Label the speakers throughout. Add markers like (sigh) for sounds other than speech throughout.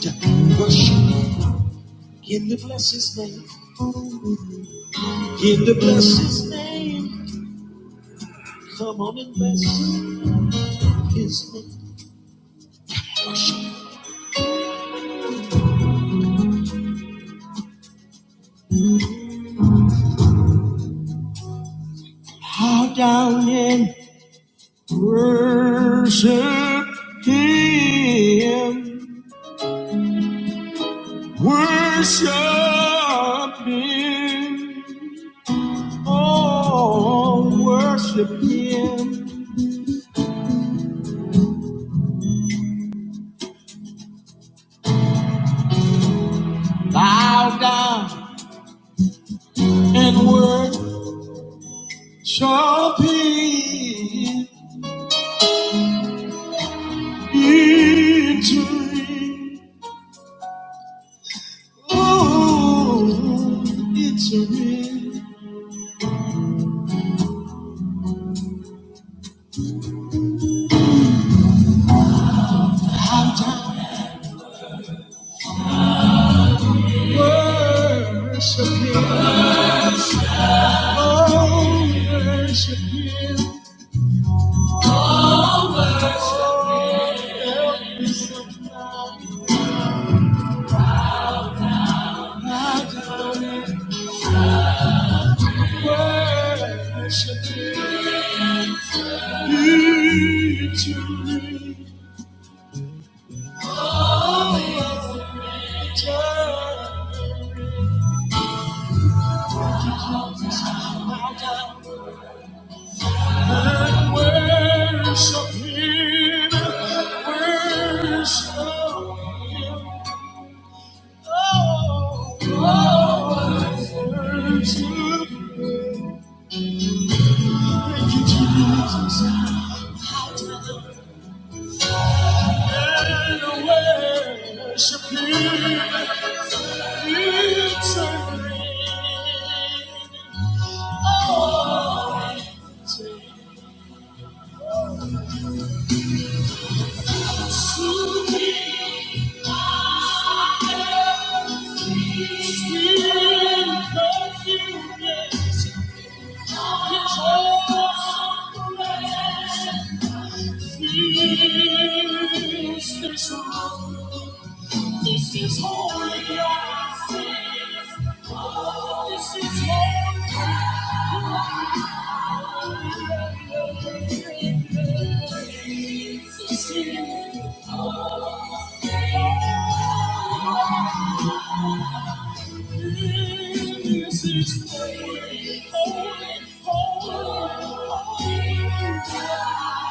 Speaker 1: to worship. Begin to bless his name. Begin to bless his name. Come on and bless his name. Bow down and worship him. Worship him. Oh, worship him. Bow down and worship him. Into Oh, it's a real worship him. Oh, worship him. Oh, help me sometimes. My darling, worship him. It's a real and worship him. Worship him. Thank you. This is holy. This is holy. This is holy. This is holy. This is holy. Holy, holy, holy.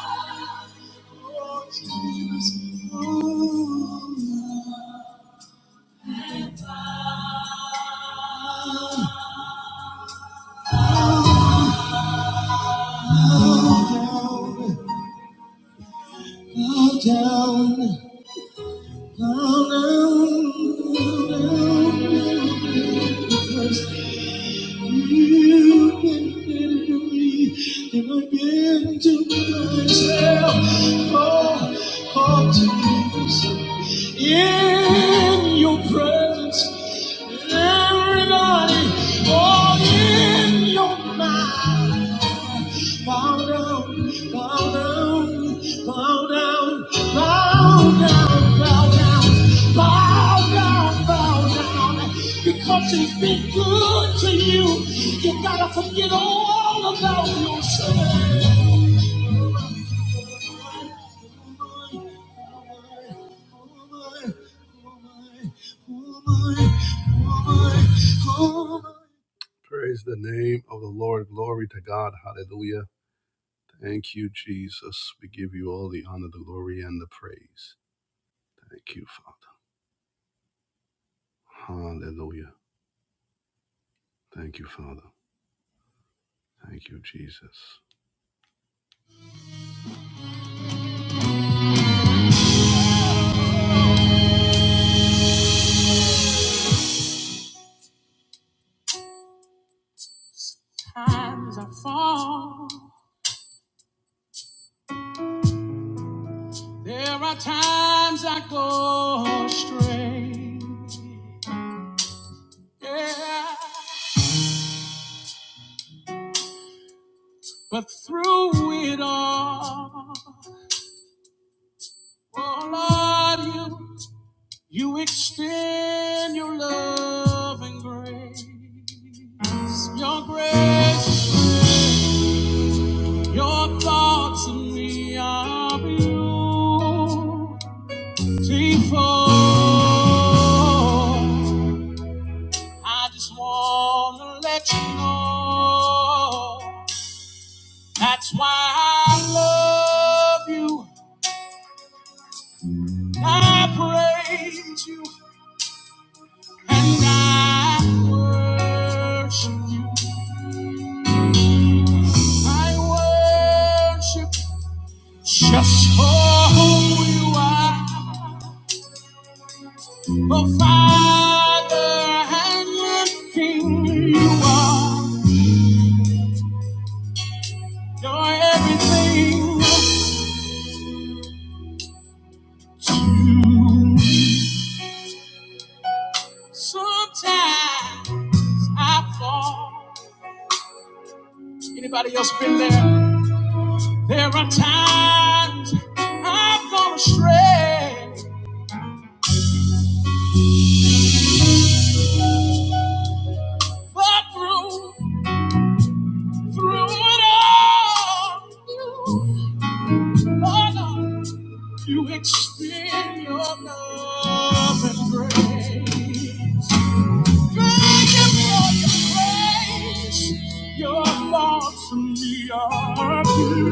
Speaker 1: Bow down, bow down, bow down, because you've been better to me than I've been to myself. Oh, oh, Jesus, in your presence, everybody, all in your mind. Bow down, bow down, bow down, bow down, bow down, bow down, bow down. Because he's been good to you, you gotta forget all about yourself. Praise the name of the Lord. Glory to God. Hallelujah. Thank you, Jesus. We give you all the honor, the glory, and the praise. Thank you, Father. Hallelujah. Thank you, Father. Thank you, Jesus. Fall. There are times I go astray. Yeah. But through it all, oh Lord, you, you extend your love and grace. Your grace. Your thoughts in me are beautiful. I just wanna let you know that's why I love you. I praise you and I worship you. I worship just for who you are. The Father has lifting you up. You're everything. Sometimes I fall. Anybody else been there? There are times I've gone astray, but through through it all, you, oh Lord, you extend your love and grace. Your thoughts to me are pure.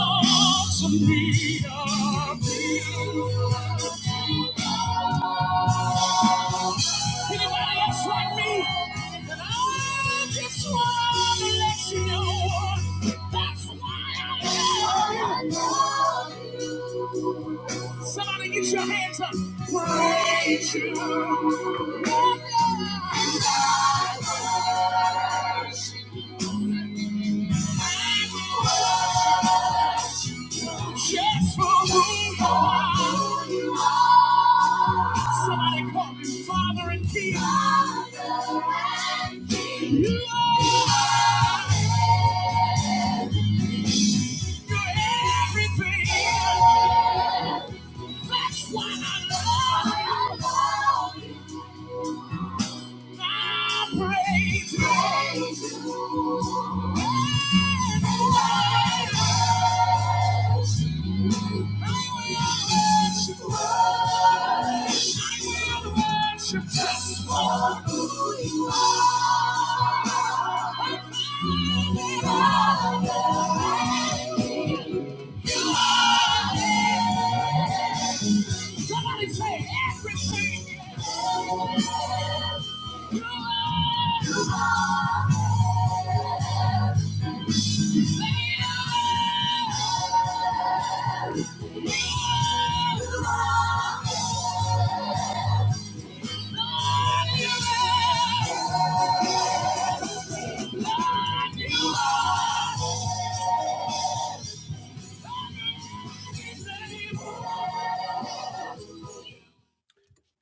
Speaker 1: Anybody else like me? And I just wanna let you know that's why I love you. Somebody get your hands up. Praise you. I love you. Yes, for who you are. You are. Somebody call me Father and King. Father and King. You are. You're everything. That's why I love you. Just for who you are. You are. Somebody say everything. You are, you are,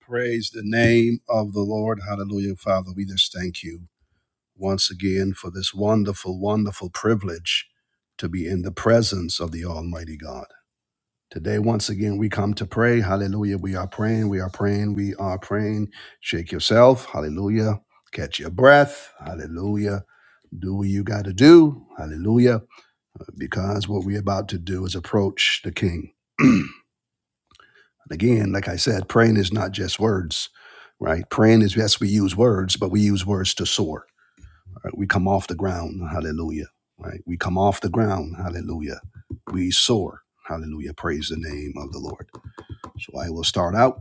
Speaker 1: Praise the name of the Lord. Hallelujah. Father, we just thank you once again for this wonderful, wonderful privilege to be in the presence of the Almighty God. Today, once again, we come to pray. Hallelujah. We are praying. We are praying. We are praying. Shake yourself. Hallelujah. Catch your breath. Hallelujah. Do what you got to do. Hallelujah. Because what we're about to do is approach the King. (clears throat) and again, like I said, praying is not just words, right? Praying is, yes, we use words, but we use words to soar. All Right? We come off the ground. Hallelujah. Right? We come off the ground. Hallelujah. We soar. Hallelujah. Praise the name of the Lord. So I will start out.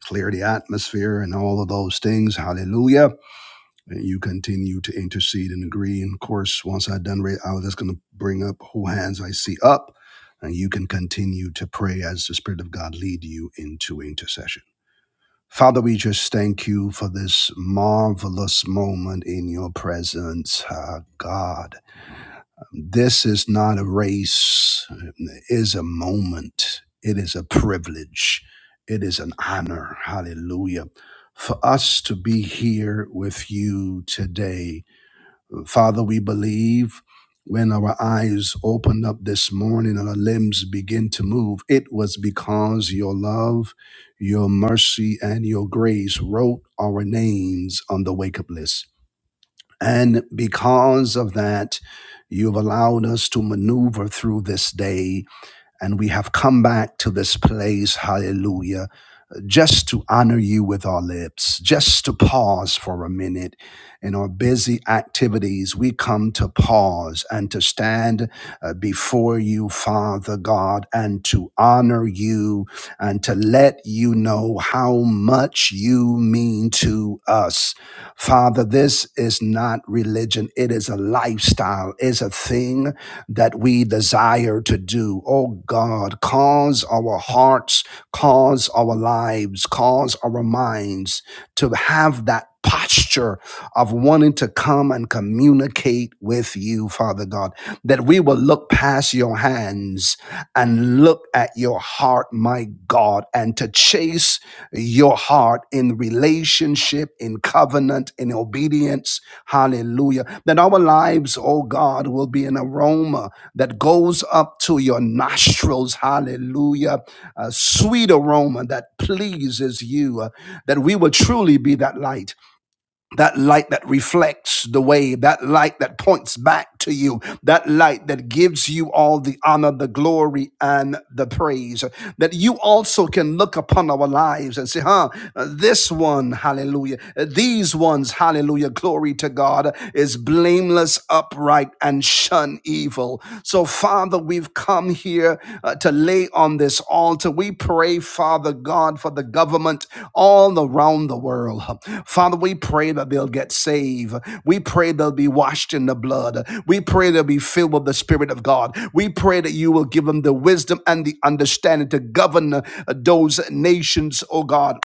Speaker 1: clear the atmosphere and all of those things. Hallelujah. And you continue to intercede and agree. And of course, once i done, re- I was just going to bring up who hands I see up. And you can continue to pray as the Spirit of God lead you into intercession. Father, we just thank you for this marvelous moment in your presence, ah, God. This is not a race, it is a moment, it is a privilege, it is an honor. Hallelujah. For us to be here with you today. Father, we believe when our eyes opened up this morning and our limbs begin to move, it was because your love, your mercy, and your grace wrote our names on the wake up list. And because of that, you've allowed us to maneuver through this day, and we have come back to this place. Hallelujah just to honor you with our lips, just to pause for a minute in our busy activities. We come to pause and to stand uh, before you, Father God, and to honor you and to let you know how much you mean to us. Father, this is not religion. It is a lifestyle, is a thing that we desire to do. Oh God, cause our hearts cause our lives, cause our minds to have that posture of wanting to come and communicate with you, Father God, that we will look past your hands and look at your heart, my God, and to chase your heart in relationship, in covenant, in obedience. Hallelujah. That our lives, oh God, will be an aroma that goes up to your nostrils. Hallelujah a sweet aroma that pleases you, uh, that we will truly be that light, that light that reflects the way, that light that points back to you, that light that gives you all the honor, the glory, and the praise. uh, That you also can look upon our lives and say, huh, uh, this one, hallelujah, uh, these ones, hallelujah, glory to God, uh, is blameless, upright, and shun evil. So, Father, Father, we've come here uh, to lay on this altar. We pray, Father God, for the government all around the world. Father, we pray that they'll get saved. We pray they'll be washed in the blood. We pray they'll be filled with the Spirit of God. We pray that you will give them the wisdom and the understanding to govern uh, those nations, oh God.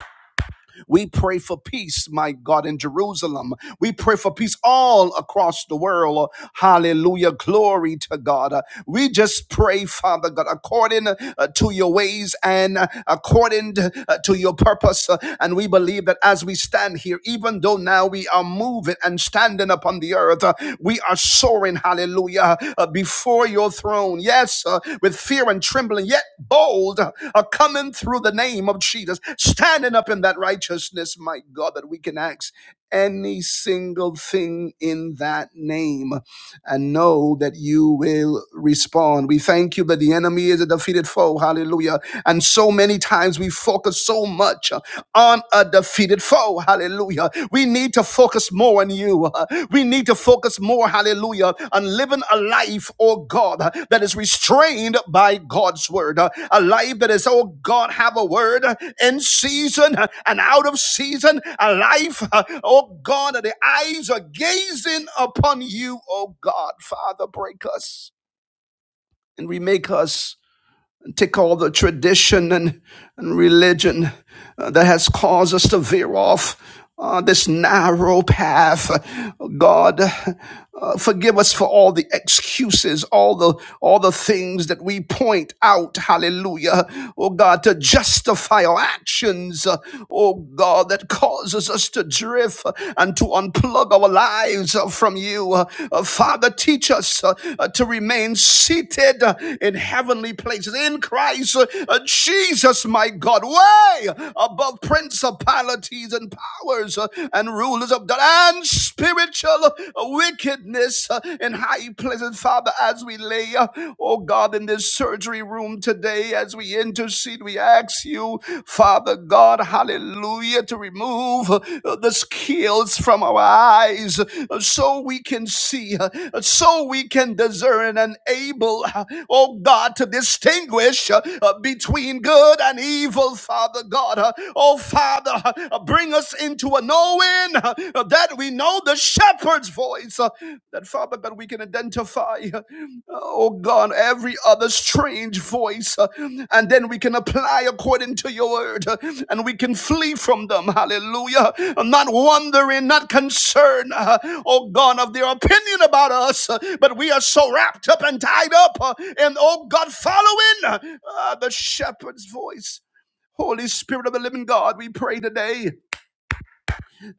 Speaker 1: We pray for peace, my God, in Jerusalem. We pray for peace all across the world. Hallelujah. Glory to God. We just pray, Father God, according uh, to your ways and uh, according to uh, to your purpose. Uh, And we believe that as we stand stand here, even though now we are moving and standing upon the earth, uh, we are soaring, hallelujah, uh, before your throne. Yes, uh, with fear and trembling, yet bold, uh, coming through the name of Jesus, standing up in that righteousness, my God, that we can ask any single thing in that name and know that you will respond. We thank you that the enemy is a defeated foe. Hallelujah. And so many times we focus so much uh, on a defeated foe. Hallelujah. We need to focus more on you. Uh, We need to focus more, hallelujah, on living a a life, oh God, uh, that is restrained by God's word, uh, a life that is, oh God, have a word uh, in season uh, and out of season, a life, uh, oh God, that the eyes are gazing upon you, oh God, Father, break us and remake us and take all the tradition and, and religion uh, that has caused us to veer off uh, this narrow path. God, uh, forgive us for all the excuses, all the all the things that we point out. Hallelujah, oh God, to justify our actions. uh, Oh God, that causes us to drift and to unplug our our lives uh, from you. Uh, uh, Father, teach us uh, uh, to remain seated uh, in heavenly places in Christ uh, uh, Jesus, my God, way above principalities and powers uh, and rulers of the and spiritual uh, wickedness uh, in high places. Father, as we lay, uh, oh God, in this surgery room today, as we enter intercede. We ask you, Father God, hallelujah, to remove uh, the skills from our eyes uh, so we can see, uh, so we can discern and able, uh, oh God, to distinguish uh, uh, between good and evil, Father God. Uh, Oh Father, uh, bring us into a knowing uh, that we know the shepherd's voice voice uh, that Father that we can identify, uh, oh God, every other strange voice, uh, and then we can apply according to your word, uh, and we can flee from them. Hallelujah! I'm not wondering, not concerned, uh, oh God, of their opinion about us, uh, but we are so wrapped up and tied up, uh, and oh God, following uh, the shepherd's voice. Holy Spirit of the living God, we pray today.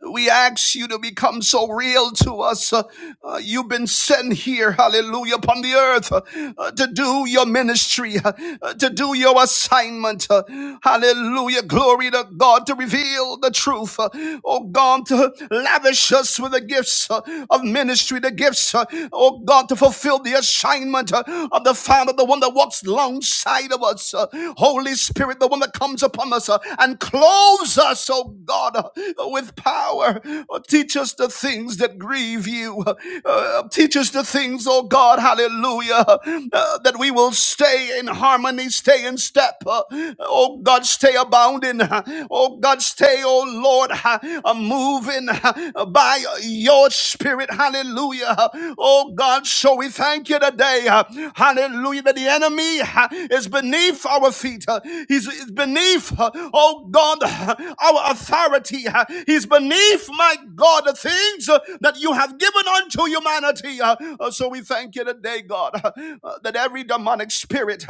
Speaker 1: We ask you to become so real to us. Uh, uh, you've been sent here, hallelujah, upon the earth uh, uh, to do your ministry, uh, uh, to do your assignment. uh, hallelujah. Glory to God to reveal the truth. uh, oh God, to lavish us with the gifts uh, of ministry, the gifts, uh, oh God, to fulfill the assignment uh, of the founder, the one that walked walks alongside of us. uh, Holy Spirit, the one that comes upon us uh, and clothes us, oh God, uh, with power. Uh, Teach us the things that grieve you. Uh, uh, Teach us the things, oh God, hallelujah, uh, that we will stay in harmony, stay in step. uh, Oh God, stay abounding. uh, Oh God, stay, oh Lord, uh, uh, moving. (laughs) by your spirit. Hallelujah. Oh God, so we thank you today. Hallelujah. That the enemy is beneath our feet. He's beneath, oh God, our authority. He's beneath, my God, the things that you have given unto humanity. So we thank you today, God, that every demonic spirit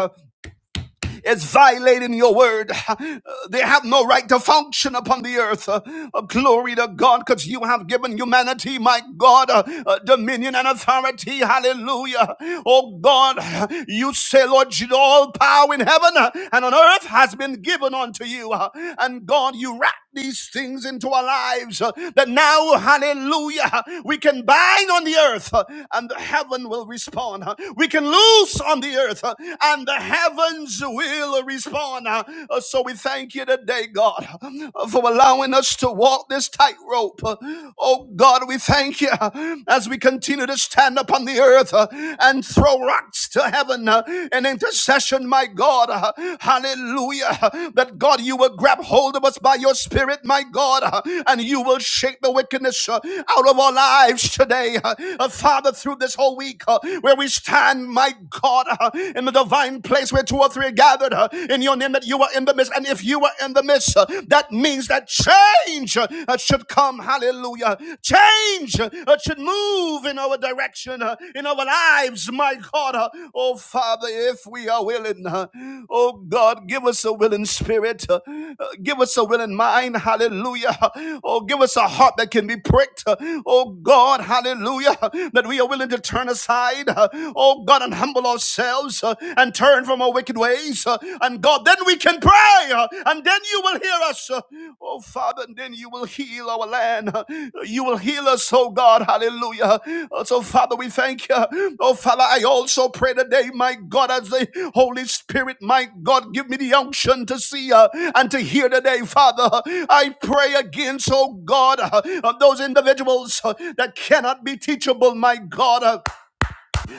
Speaker 1: is violating your word. (sighs) Uh, They have no right to function upon the earth. Uh, uh, Glory to God, because you have given humanity, my God, uh, uh, dominion and authority. Hallelujah. Oh God, (sighs) you say, Lord, all power in heaven uh, and on earth has been given unto you. Uh, And God, you wrap these things into our lives uh, that now, hallelujah, we can bind on the earth uh, and heaven will respond. Uh, We can loose on the earth uh, and the heavens will respond. Uh, uh, so we thank you today, God, uh, for allowing us to walk this tightrope. Uh, oh, God, we thank you uh, as we continue to stand upon the earth uh, and throw rocks to heaven uh, in intercession, my God. Uh, hallelujah. Uh, That, God, you will grab hold of us by your spirit, my God, uh, and you will shake the wickedness uh, out of our lives today. Uh, uh, Father, through this whole week uh, where we stand, my God. Lord, uh, in the divine place where two or three are gathered uh, in your name, that you are in the midst. And if you are in the midst, uh, that means that change uh, uh, should come. Hallelujah. Change uh, uh, should move in our direction, uh, in our lives, my God. uh, oh, Father, if we are willing, uh, oh God, give us a willing spirit, uh, uh, give us a willing mind. Hallelujah. Oh, give us a heart that can be pricked. uh, Oh God, hallelujah, that we are willing to turn aside. Uh, oh God, and humble ourselves uh, and turn from our wicked ways. uh, and God, then we can pray, uh, and then you will hear us. uh, oh Father, and then you will heal our land. uh, you will heal us, oh God, hallelujah. Uh, so, Father, we thank you. Oh Father, I also pray today, my God, as the Holy Spirit, my God, give me the unction to see uh, and to hear today, Father. I pray against, oh God, uh, those individuals uh, that cannot be teachable, my God. Uh,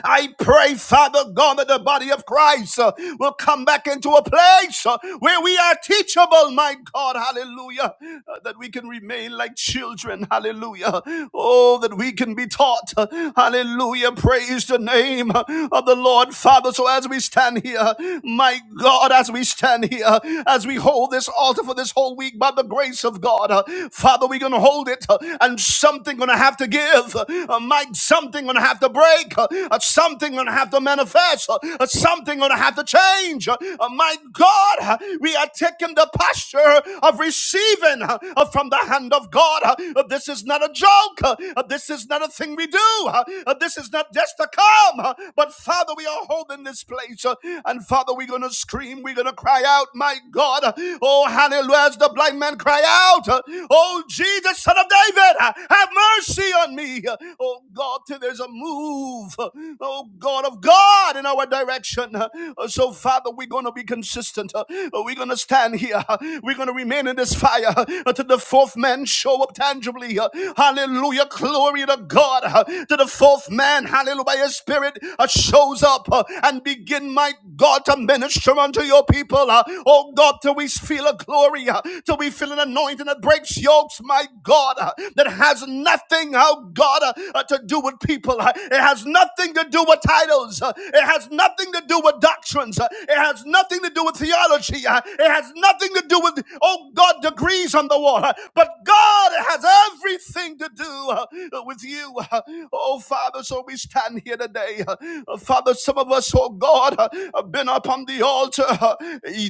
Speaker 1: I pray, Father God, that the body of Christ uh, will come back into a place uh, where we are teachable, my God, hallelujah, uh, that we can remain like children, hallelujah. Oh, that we can be taught, uh, hallelujah. Praise the name uh, of the Lord, Father. So as we stand here, my God, as we stand here, as we hold this altar for this whole week by the grace of God, uh, Father, we're going to hold it uh, and something going to have to give, uh, uh, my something going to have to break break. Uh, uh, something gonna have to manifest. Uh, uh, something gonna have to change. Uh, uh, my God, uh, we are taking the posture of receiving uh, uh, from the hand of God. Uh, uh, this is not a joke. Uh, uh, this is not a thing we do. Uh, uh, this is not just to come. Uh, but Father, we are holding this place. Uh, and Father, we're gonna scream. We're gonna cry out, my God. Uh, Oh, hallelujah! As the blind man cry out, uh, Oh Jesus, Son of David, uh, have mercy on me. Uh, Oh God, till there's a is a move, oh God of God, in our direction. Uh, So, Father, we're going to be consistent. Uh, We're going to stand here. Uh, We're going to remain in this fire uh, until the fourth man show up tangibly. Uh, Hallelujah. Glory to God. Uh, To the fourth man, hallelujah, by his spirit uh, shows up uh, and begin, my God, to minister unto your people. Uh, Oh God, till we feel a glory, uh, till we feel an anointing that breaks yokes, my God, uh, that has nothing, oh God, uh, uh, to to do with people. Uh, It has nothing to do with titles. Uh, It has nothing to do with doctrines. Uh, It has nothing to do with theology. Uh, It has nothing to do with, oh God, degrees on the wall. Uh, But God has everything to do uh, with you. Uh, Oh Father, so we stand here today. Uh, uh, Father, some of us, oh God, uh, have been up on the altar uh,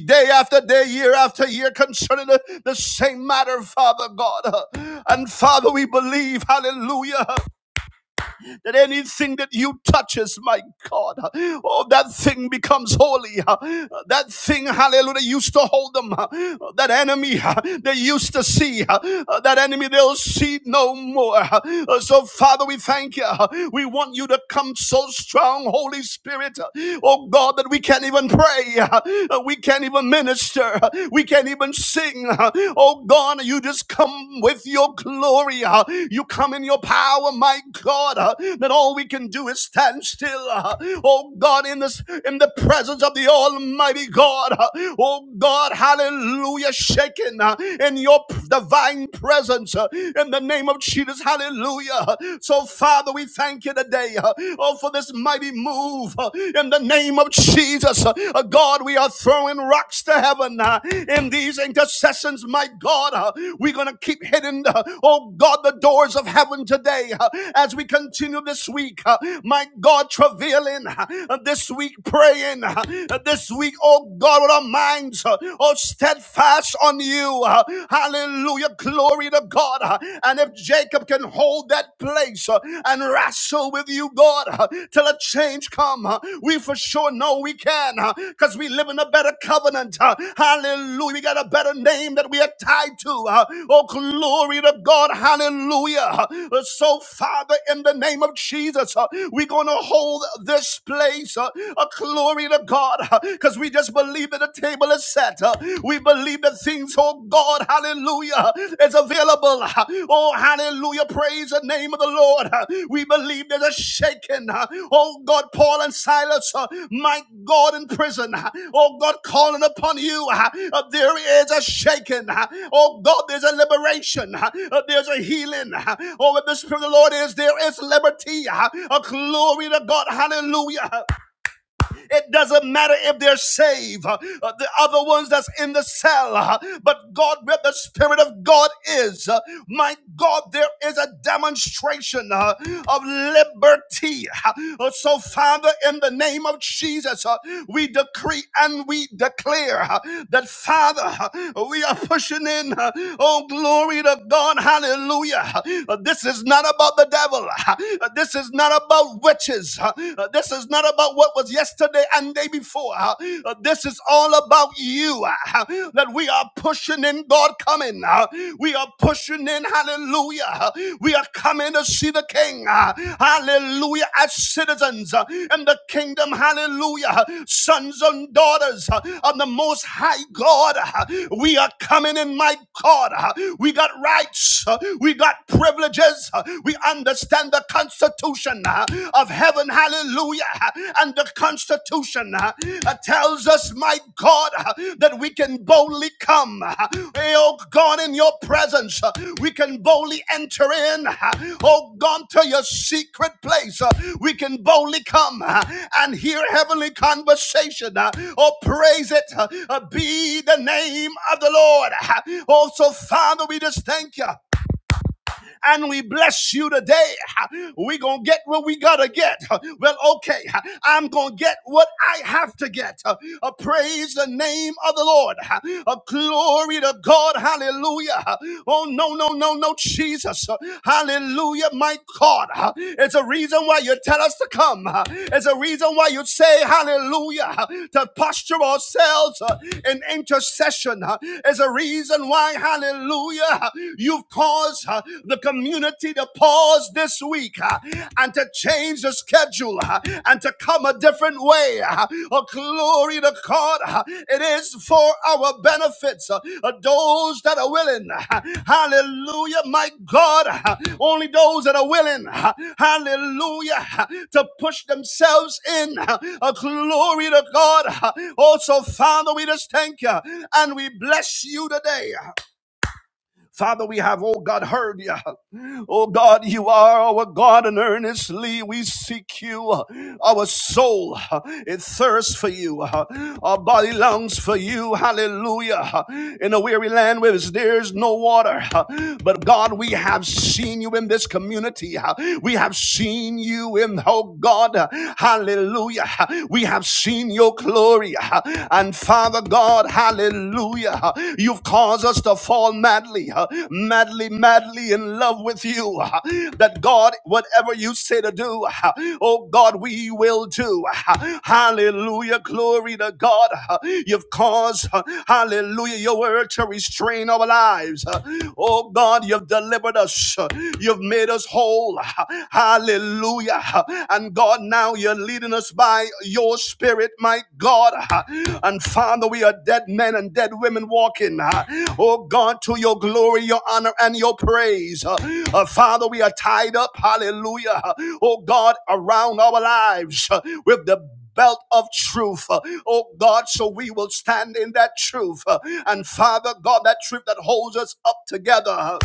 Speaker 1: day after day, year after year concerning the, same matter, Father God. Uh, And Father, we believe, hallelujah that anything that you touches, my God, oh, that thing becomes holy. That thing, hallelujah, used to hold them. That enemy they used to see, that enemy they'll see no more. So, Father, we thank you. We want you to come so strong, Holy Spirit, oh God, that we can't even pray. We can't even minister. We can't even sing. Oh God. You just come with your glory. uh, You come in your power, my God. uh, That all we can do is stand still. uh, Oh God, in this in the presence of the Almighty God. uh, Oh God, hallelujah. Shaken uh, in your divine presence uh, in the name of Jesus. Hallelujah. So, Father, we thank you today. uh, Oh, for this mighty move uh, in the name of Jesus. Jesus. Uh, uh, God, we are throwing rocks to heaven uh, in these intercessions, my God. Uh, We're going to keep hitting, uh, oh God, the doors of heaven today uh, as we continue this week. uh, My God, travailing uh, uh, this week, praying uh, uh, this week, oh God, with our minds, uh, oh steadfast on you. uh, Hallelujah. Glory to God. uh, And if Jacob can hold that place, place uh, and wrestle with you, God, uh, till a change come. uh, We for sure know we can, because uh, we live in a better covenant. uh, Hallelujah. We got a better name that we are tied to. uh, Oh, glory to God. Hallelujah. Uh, So, Father, in the name of Jesus, uh, we're going to hold this place. uh, A glory to God, because we just believe that the table is set. uh, We believe that greater things, oh God, hallelujah, is available. Oh, hallelujah, praise the name of the Lord. We believe there's a shaking. Oh God, Paul and Silas, uh, my God, in prison. Oh God, calling upon you. Uh, There is a shaking. Oh God, there's a liberation. Uh, There's a healing. Oh, where the Spirit of the Lord is, there is liberty. Uh, A glory to God, hallelujah. It doesn't matter if they're saved, uh, the other ones that's in the cell, uh, but God, where the Spirit of God is, uh, my God, there is a demonstration uh, of liberty. Uh, So, Father, in the name of Jesus, uh, we decree and we declare uh, that, Father, uh, we are pushing in. uh, Oh, glory to God. Hallelujah. Uh, This is not about the devil. Uh, This is not about witches riches. huh? Uh, This is not about what was yesterday and day before. huh? Uh, This is all about you. huh? That we are pushing in God coming. huh? We are pushing in. Hallelujah. huh? We are coming to see the King. huh? Hallelujah. As citizens huh, in the kingdom. Hallelujah. huh? Sons and daughters huh, of the Most High God. huh? We are coming in, my God. huh? We got rights. huh? We got privileges. huh? We understand understand the constitution uh, of heaven. Hallelujah. uh, And the constitution uh, uh, tells us, my God, uh, that we can boldly come. uh, Oh God, in your presence, uh, we can boldly enter in. uh, Oh God, to your secret place, uh, we can boldly come uh, and hear heavenly conversation. uh, Oh, praise it. uh, uh, Be the name of the Lord. Also, Father, we just thank you and we bless you today. We're going to get what we got to get. Well, okay, I'm going to get what I have to get. Uh, praise the name of the Lord. Uh, glory to God. Hallelujah. Oh, no, no, no, no, Jesus. Hallelujah, my God. It's a reason why you tell us to come. It's a reason why you say hallelujah to posture ourselves in intercession. It's a reason why, hallelujah, You've caused uh, the community to pause this week uh, and to change the schedule uh, and to come a different way. uh. Oh, glory to God. uh, It is for our benefits. uh, uh, Those that are willing. uh, Hallelujah. My God. uh, Only those that are willing. uh, Hallelujah. uh, To push themselves in. uh, uh, Glory to God. uh. Also, Father, we just thank you and we bless you today. uh, Father, we have, oh God, heard you. Oh God, you are our God, and earnestly we seek you. Our soul, it thirsts for you. Our body longs for you. Hallelujah. In a weary land where there is no water. But God, we have seen you in this community. We have seen you in, oh God, hallelujah. We have seen your glory. And Father God, hallelujah, you've caused us to fall madly, uh, madly, madly in love with you. uh, That God, whatever you say to do, uh, oh God, we will do. uh, Hallelujah, glory to God. uh, You've caused, uh, hallelujah, your word to restrain our lives. uh, Oh God, you've delivered us. uh, You've made us whole. uh, Hallelujah. And God, now you're leading us by your spirit, my God. And Father, we are dead men and dead women walking. Oh God, to your glory, your honor, and your praise. Uh, Father, we are tied up, hallelujah. Oh God, around our lives uh, with the belt of truth. uh, Oh God, so we will stand in that truth. uh, And Father God, that truth that holds us up together. uh,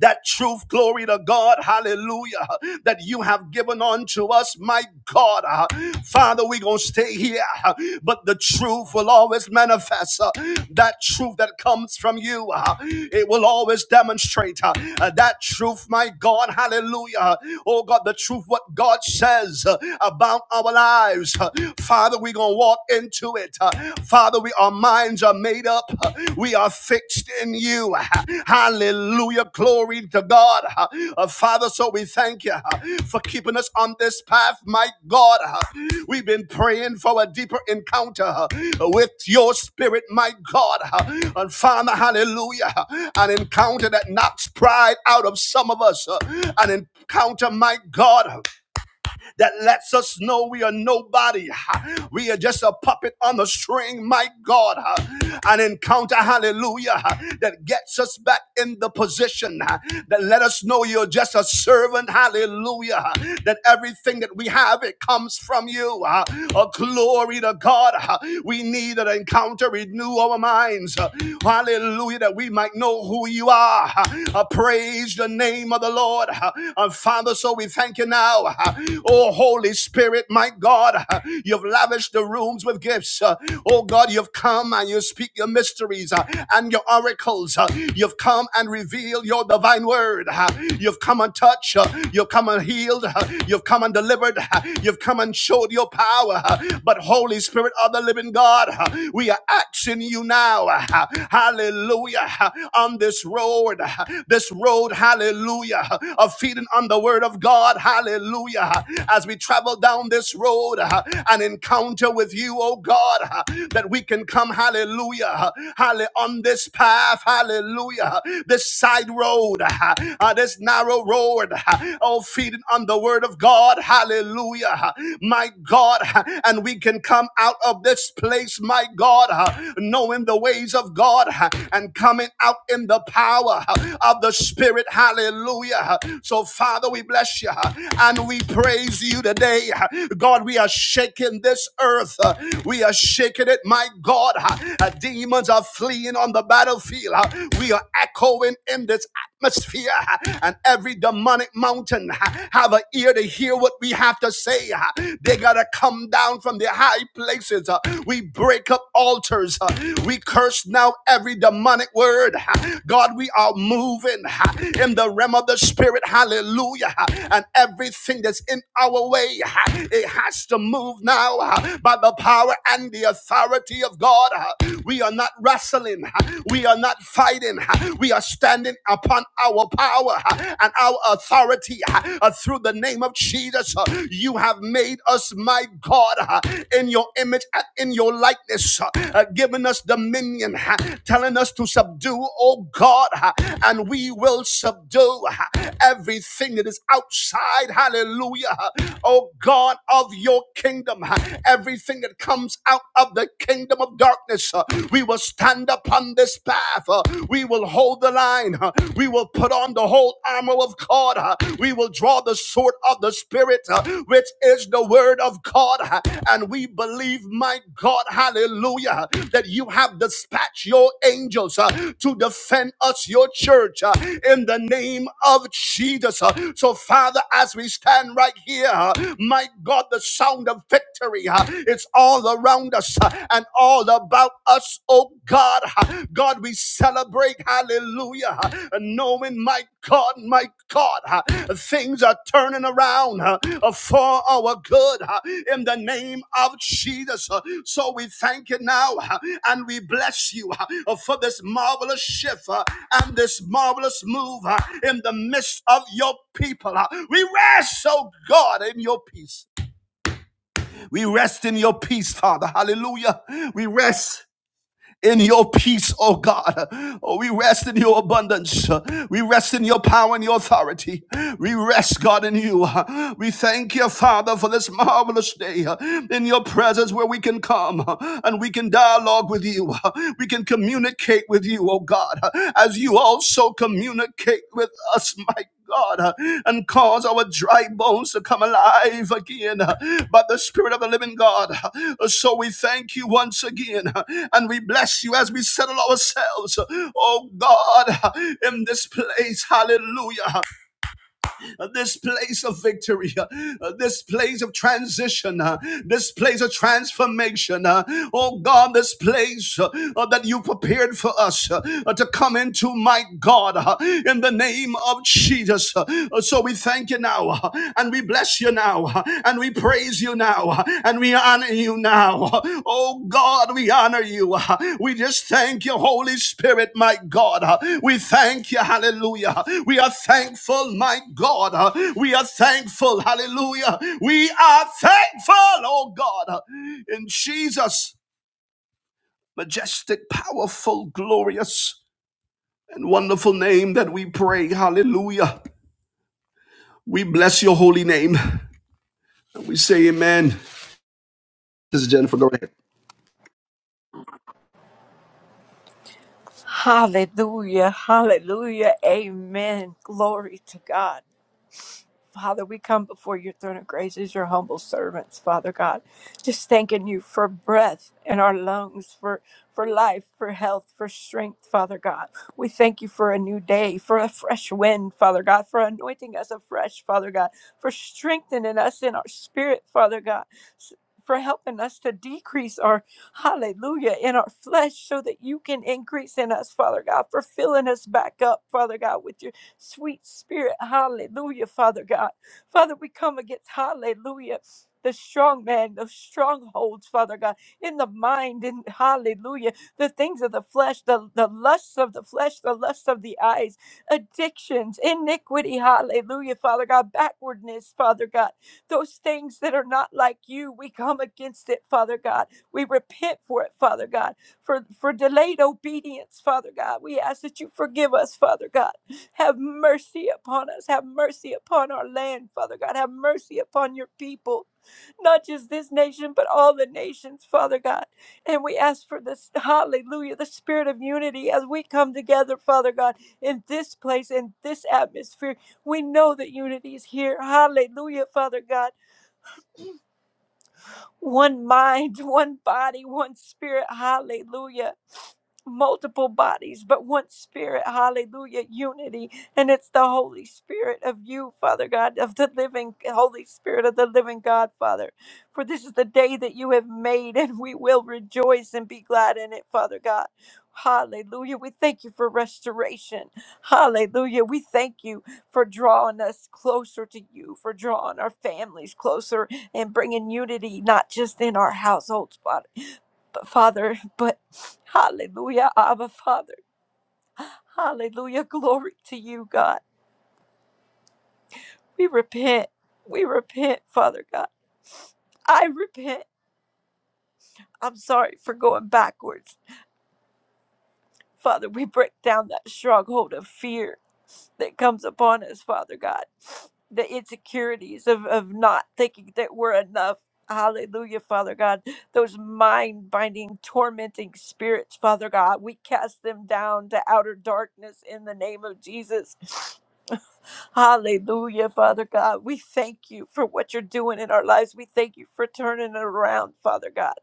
Speaker 1: that truth, glory to God, hallelujah, that you have given unto us, my God. Uh, Father, we're going to stay here, uh, but the truth will always manifest. uh, That truth that comes from you, uh, it will always demonstrate uh, uh, that truth, my God, hallelujah. Oh God, the truth, what God says uh, about our lives. Uh, Father, we're going to walk into it. Father. Father, we, our minds are made up. We are fixed in you. Hallelujah. Glory to God. Uh, Father, so we thank you uh, for keeping us on this path, my God. Uh, We've been praying for a deeper encounter uh, with your spirit, my God. Uh, And Father, hallelujah. uh, An encounter that knocks pride out of some of us. uh, An encounter, my God. uh, that lets us know we are nobody. We are just a puppet on the string, my God. An encounter, hallelujah, that gets us back in the position that let us know you're just a servant, hallelujah, that everything that we have, it comes from you. A glory to God. We need an encounter, renew our minds. Hallelujah, that we might know who you are. Praise your name name of the Lord. and Father, so we thank you now. Uh, Oh, Holy Spirit, my God, uh, you've lavished the rooms with gifts. Uh, Oh, God, you've come and you speak your mysteries uh, and your oracles. Uh, You've come and revealed your divine word. Uh, You've come and touched. Uh, You've come and healed. Uh, You've come and delivered. Uh, You've come and showed your power. Uh, But, Holy Spirit of the living God, uh, we are asking you now. uh, Hallelujah hallelujah, on this road, this road, hallelujah, of feeding on the word of God, hallelujah, as we travel down this road an encounter with you, oh God, that we can come, hallelujah, hallelujah, on this path, hallelujah, this side road, uh, this narrow road, oh, feeding on the word of God, hallelujah, my God, and we can come out of this this place, my God, uh, knowing the ways of God uh, and coming out in the power uh, of the Spirit. Hallelujah. huh. So, Father, we bless you uh, and we praise you today. uh, God, we are shaking this earth. uh, We are shaking it, my God. uh, uh, Demons are fleeing on the battlefield. uh, We are echoing in this atmosphere, uh, and every demonic mountain uh, have an ear to hear what we have to say uh, they gotta come down from the high places. uh, We break up altars. uh, We curse now every demonic word. uh, God, we are moving uh, in the realm of the spirit. Hallelujah. uh, And everything that's in our way, uh, it has to move now uh, by the power and the authority of God. uh, We are not wrestling. uh, We are not fighting. uh, We are standing upon our power. Uh, and our authority uh, uh, through the name of Jesus. Uh, You have made us, my God, uh, in your image and in your likeness, uh, uh, giving us dominion, uh, telling us to subdue, oh God, uh, and we will subdue uh, everything that is outside, hallelujah, uh, oh God of your kingdom, uh, everything that comes out of the kingdom of darkness. uh, We will stand upon this path. Uh, uh, we will hold the line. uh, We will put on the whole armor of God. uh, We will draw the sword of the Spirit, uh, which is the word of God. uh, And we believe, my God, hallelujah, that you have dispatched your angels uh, to defend us, your church, uh, in the name of Jesus. uh. So, Father, as we stand right here, uh, my God, the sound of victory uh, it's all around us. Uh, and all about us, oh God. God, we celebrate, hallelujah, knowing, my God, my God, things are turning around uh, for our good uh, in the name of Jesus. Uh, So we thank you now uh, and we bless you uh, for this marvelous shift uh, and this marvelous move uh, in the midst of your people. uh. We rest, oh God, in your peace. We rest in your peace, Father. Hallelujah. We rest in your peace, oh God. Oh, we rest in your abundance. We rest in your power and your authority. We rest, God, in you. We thank you, Father, for this marvelous day in your presence where we can come and we can dialogue with you. We can communicate with you, oh God, as you also communicate with us, my God, uh, and cause our dry bones to come alive again uh, by the Spirit of the living God. Uh, So we thank you once again uh, and we bless you as we settle ourselves, uh, oh God, uh, in this place. Hallelujah uh, this place of victory, uh, uh, this place of transition, uh, this place of transformation. uh, oh God, this place uh, uh, that you prepared for us uh, uh, to come into, my God, uh, in the name of Jesus. Uh, uh, so we thank you now uh, and we bless you now uh, and we praise praise you now and we honor you now. Oh God, we honor you. We just thank you, Holy Spirit, my God. We thank you, hallelujah. We are thankful, my God. We are thankful, hallelujah. We are thankful, oh God, in Jesus' majestic, powerful, glorious, and wonderful name that we pray, hallelujah. We bless your holy name. And we say amen. This is Jennifer. Go ahead.
Speaker 2: Hallelujah. Hallelujah. Amen. Glory to God. Father, we come before your throne of grace as your humble servants, Father God. Just thanking you for breath in our lungs, for, for life, for health, for strength, Father God. We thank you for a new day, for a fresh wind, Father God, for anointing us afresh, Father God, for strengthening us in our spirit, Father God. s- For helping us to decrease our hallelujah in our flesh so that you can increase in us, Father God, for filling us back up, Father God, with your. Sweet Spirit, hallelujah, Father God. Father, we come against, hallelujah. The strong man, the strongholds, Father God, in the mind, in hallelujah, the things of the flesh, the, the lusts of the flesh, the lusts of the eyes, addictions, iniquity, hallelujah, Father God, backwardness, Father God, those things that are not like you, we come against it, Father God. We repent for it, Father God, for, for delayed obedience, Father God. We ask that you forgive us, Father God. Have mercy upon us. Have mercy upon our land, Father God. Have mercy upon your people, not just this nation, but all the nations, Father God. And we ask for this, hallelujah, the spirit of unity as we come together, Father God, in this place, in this atmosphere. We know that unity is here. Hallelujah, Father God one mind, (laughs) one body, one spirit. Hallelujah. Multiple bodies, but one spirit. Hallelujah. Unity. And it's the Holy Spirit of you, Father God, of the living Holy Spirit of the living God, Father. For this is the day that you have made, and we will rejoice and be glad in it, Father God. Hallelujah. We thank you for restoration. Hallelujah. We thank you for drawing us closer to you, for drawing our families closer and bringing unity, not just in our households, but, but Father, (laughs) but hallelujah, Abba, Father. Hallelujah, glory to you, God. We repent. We repent, Father God. I repent. I'm sorry for going backwards. Father, we break down that stronghold of fear that comes upon us, Father God. The insecurities of, of not thinking that we're enough. Hallelujah, Father God. Those mind binding, tormenting spirits, Father God, we cast them down to outer darkness in the name of Jesus. Hallelujah, Father God. We thank you for what you're doing in our lives. We thank you for turning it around, Father God.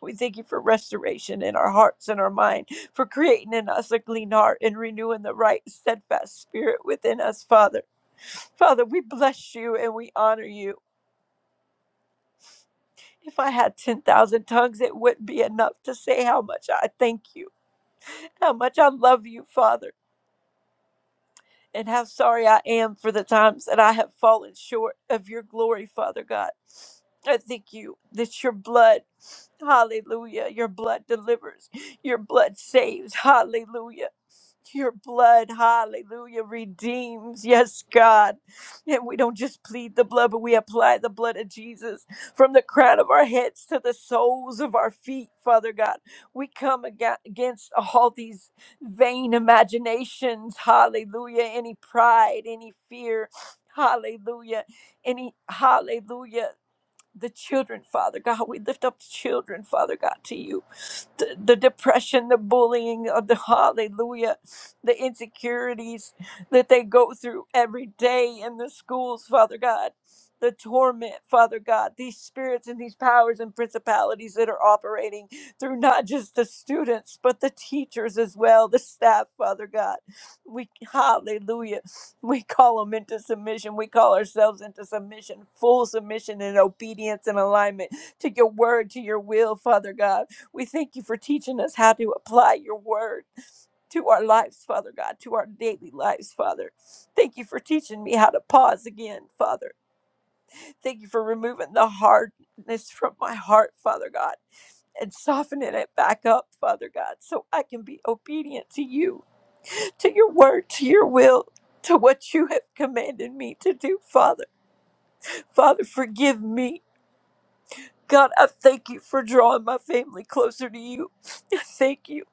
Speaker 2: We thank you for restoration in our hearts and our mind, for creating in us a clean heart and renewing the right, steadfast spirit within us, Father. Father, we bless you and we honor you. If I had 10,000 tongues, it wouldn't be enough to say how much I thank you, how much I love you, Father. and how sorry I am for the times that I have fallen short of your glory, Father God. I thank you that your blood, hallelujah, your blood delivers, your blood saves, hallelujah. Your blood, hallelujah, redeems. Yes, God. And we don't just plead the blood, but we apply the blood of Jesus from the crown of our heads to the soles of our feet, Father God. We come aga- against all these vain imaginations, hallelujah, any pride, any fear, hallelujah, any hallelujah the children, Father God. We lift up the children, Father God, to you. The, the depression, the bullying, of the hallelujah, the insecurities that they go through every day in the schools, Father God. The torment, Father God, these spirits and these powers and principalities that are operating through not just the students, but the teachers as well, the staff, Father God. We, hallelujah. We call them into submission. We call ourselves into submission, full submission and obedience and alignment to your word, to your will, Father God. We thank you for teaching us how to apply your word to our lives, Father God, to our daily lives, Father. Thank you for teaching me how to pause again, Father. Thank you for removing the hardness from my heart, Father God, and softening it back up, Father God, so I can be obedient to you to your word, to your will, to what you have commanded me to do, Father. Father, forgive me. God, I thank you for drawing my family closer to you. I thank you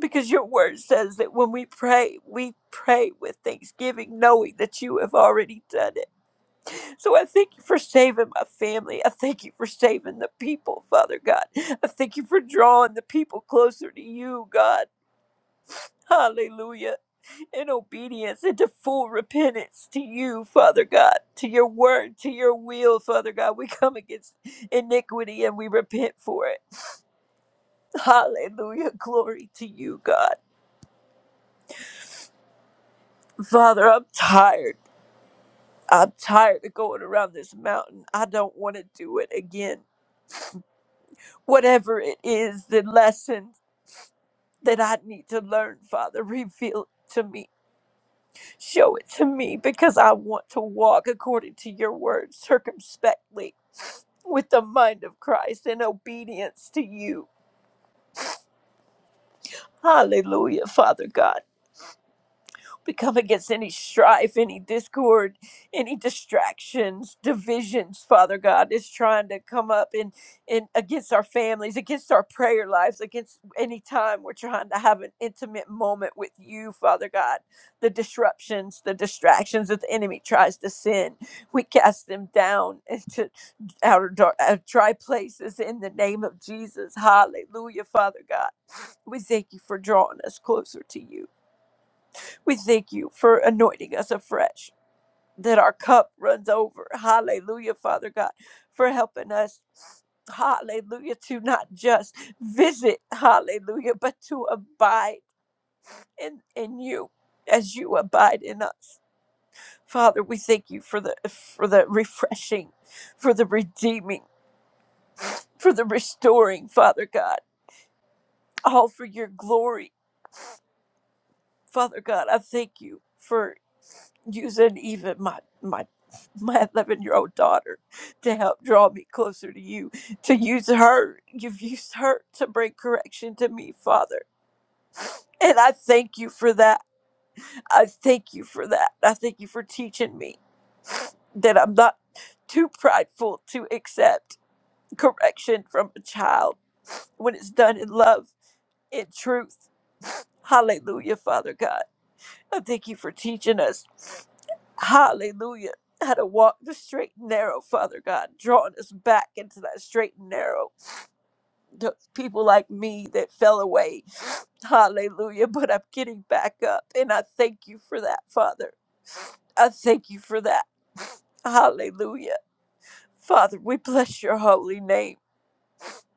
Speaker 2: because your word says that when we pray, we pray with thanksgiving, knowing that you have already done it. So I thank you for saving my family. I thank you for saving the people, Father God. I thank you for drawing the people closer to you, God. Hallelujah. in obedience and to full repentance to you, Father God, to your word, to your will, Father God. We come against iniquity and we repent for it. Hallelujah. Glory to you, God. Father, I'm tired. I'm tired of going around this mountain. I don't want to do it again. Whatever it is, the lesson that I need to learn, Father, reveal it to me Show it to me because I want to walk according to your word circumspectly with the mind of Christ in obedience to you. Hallelujah, Father God. We come against any strife, any discord, any distractions, divisions, Father God, is trying to come up in, in against our families, against our prayer lives, against any time we're trying to have an intimate moment with you, Father God. The disruptions, the distractions that the enemy tries to send, we cast them down into outer dark, uh, dry places in the name of Jesus. Hallelujah, Father God. We thank you for drawing us closer to you. We thank you for anointing us afresh, that our cup runs over. Hallelujah, Father God, for helping us. Hallelujah, to not just visit, hallelujah, but to abide in, in you as you abide in us. Father, we thank you for the for the refreshing, for the redeeming, for the restoring, Father God, all for your glory. Father God, I thank you for using even my my my 11 year old daughter to help draw me closer to you to use her you've used her to bring correction to me father and i thank you for that i thank you for that i thank you for teaching me that i'm not too prideful to accept correction from a child when it's done in love in truth hallelujah father god i thank you for teaching us Hallelujah. How to walk the straight and narrow, Father God, drawing us back into that straight and narrow. The people like me that fell away. (sniffs) Hallelujah. But I'm getting back up. And I thank you for that, Father. I thank you for that. (sniffs) Hallelujah. Father, we bless your holy name.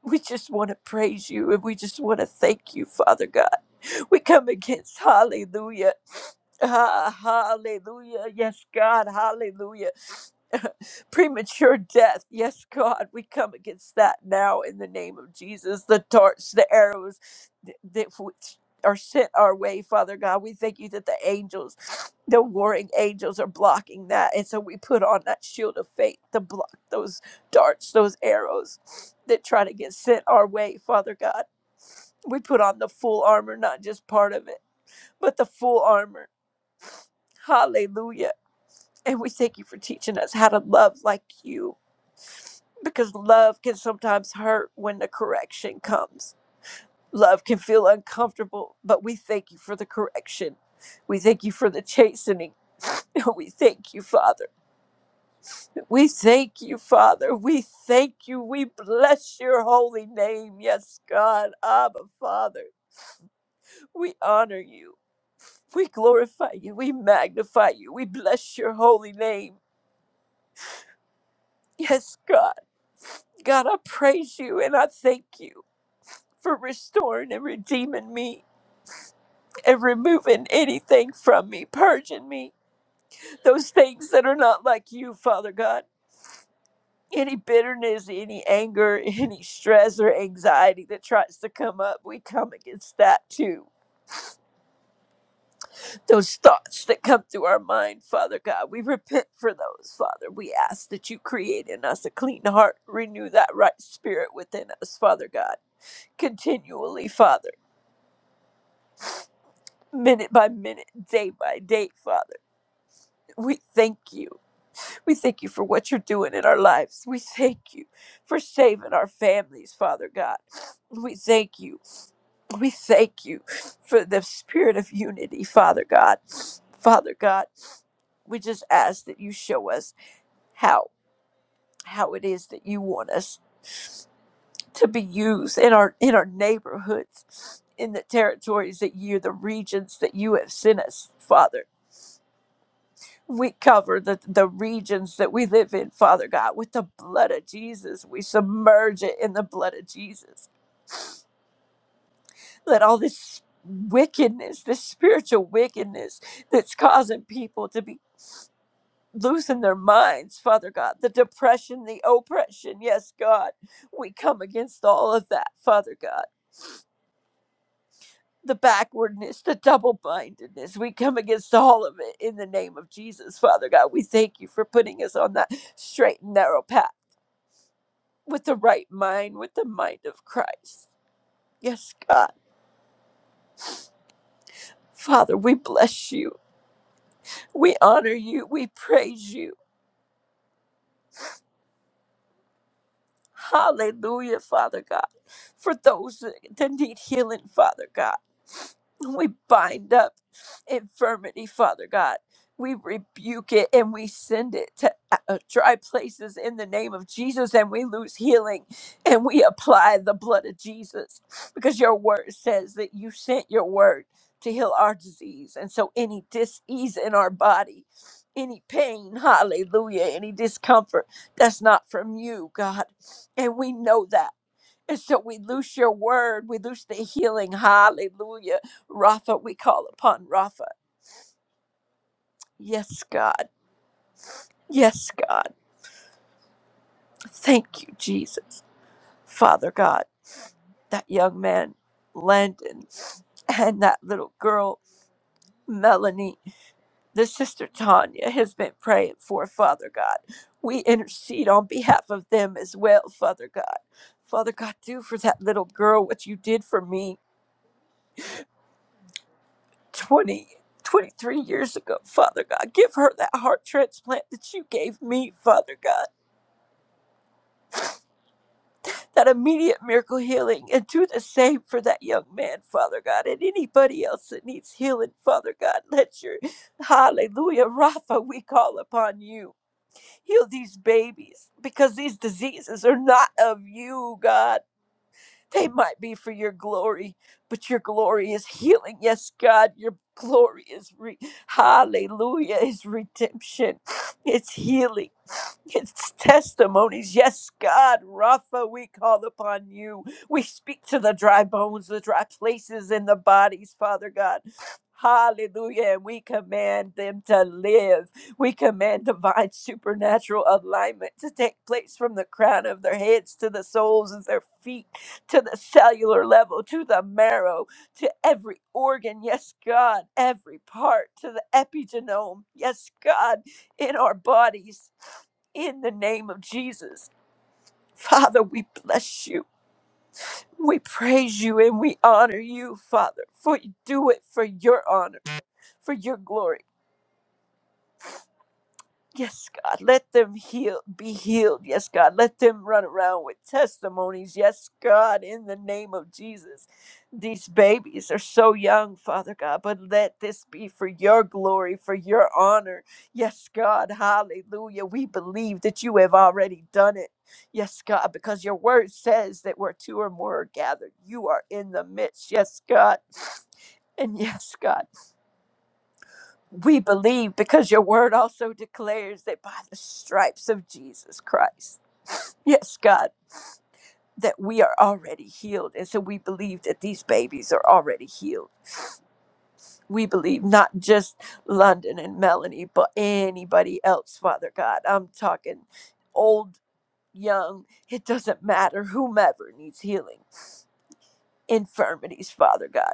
Speaker 2: We just want to praise you and we just want to thank you, Father God. We come against hallelujah. (sniffs) Ah, hallelujah. Yes, God. Hallelujah. (laughs) premature death. Yes, God, we come against that now in the name of Jesus. The darts, the arrows th- that which are sent our way, Father God. We thank you that the angels, the warring angels, are blocking that. And so we put on that shield of faith to block those darts, those arrows that try to get sent our way, Father God. We put on the full armor, not just part of it, but the full armor. Hallelujah. And we thank you for teaching us how to love like you because love can sometimes hurt when the correction comes. Love can feel uncomfortable, but we thank you for the correction. We thank you for the chastening. (laughs) We thank you, Father. We thank you, Father. We thank you. We bless your holy name. Yes, God, Abba, Father. We honor you. We glorify you. We magnify you. We bless your holy name. Yes, God. God, I praise you and I thank you for restoring and redeeming me. and removing anything from me, purging me, those things that are not like you, Father God. Any bitterness, any anger, (laughs) any stress or anxiety that tries to come up, we come against that too. Those thoughts that come through our mind, Father God, we repent for those, Father. We ask that you create in us a clean heart, renew that right spirit within us, Father God, continually, Father, minute by minute, day by day, Father. We thank you. We thank you for what you're doing in our lives. We thank you for saving our families, Father God. We thank you. We thank you for the spirit of unity, Father God. Father God, we just ask that you show us how how it is that you want us to be used in our in our neighborhoods, in the territories that you, the regions that you have sent us, Father. We cover the, the regions that we live in, Father God, with the blood of Jesus. We submerge it in the blood of Jesus. Let all this wickedness, this spiritual wickedness that's causing people to be losing their minds, Father God, the depression, the oppression, yes, God, we come against all of that, Father God. The backwardness, the double mindedness, we come against all of it in the name of Jesus, Father God. We thank you for putting us on that straight and narrow path. with the right mind, with the mind of Christ. Yes, God. Father, we bless you. We honor you. We praise you. Hallelujah, Father God. For those that need healing, Father God, we bind up infirmity, Father God. We rebuke it and we send it to uh, uh, dry places in the name of Jesus, and we lose healing and we apply the blood of Jesus because your word says that you sent your word to heal our disease. And so, any disease in our body, any pain, hallelujah, any discomfort, that's not from you, God. And we know that. And so we loose your word. We loose the healing. Hallelujah. Rapha, we call upon Rapha. Yes, God. Yes, God. Thank you, Jesus. Father God, that young man, Landon, and that little girl, Melanie, the sister Tanya, has been praying for, Father God. We intercede on behalf of them as well, Father God. Father God, do for that little girl what you did for me. 20, 23 years ago, Father God. Give her that heart transplant that you gave me, Father God. That immediate miracle healing. And do the same for that young man, Father God. And anybody else that needs healing, Father God. Let your hallelujah, Rapha, we call upon you. Heal these babies because these diseases are not of you, God. They might be for your glory, but your glory is healing. Yes, God, your glory is re- hallelujah, is redemption. It's healing. It's testimonies. Yes, God, Rapha, we call upon you. We speak to the dry bones, the dry places in the bodies, Father God. Hallelujah. And we command them to live. We command divine supernatural alignment to take place from the crown of their heads to the soles of their feet to the cellular level, to the marrow, to every organ. Yes, God, every part, to the epigenome. Yes, God, in our bodies, in the name of Jesus. Father, we bless you. We praise you and we honor you, Father, for you do it for your honor, for your glory. Yes, God, let them heal, be healed. Yes, God, let them run around with testimonies. Yes, God, in the name of Jesus. These babies are so young, Father God, but let this be for your glory, for your honor. Yes, God, hallelujah. We believe that you have already done it. Yes, God, because your word says that where two or more are gathered, you are in the midst. Yes, God. (sniffs) And yes, God. We believe because your word also declares that by the stripes of Jesus Christ, yes, God, that we are already healed. And so we believe that these babies are already healed. We believe not just London and Melanie, but anybody else, Father God. I'm talking old, young, it doesn't matter, whomever needs healing. infirmities, Father God.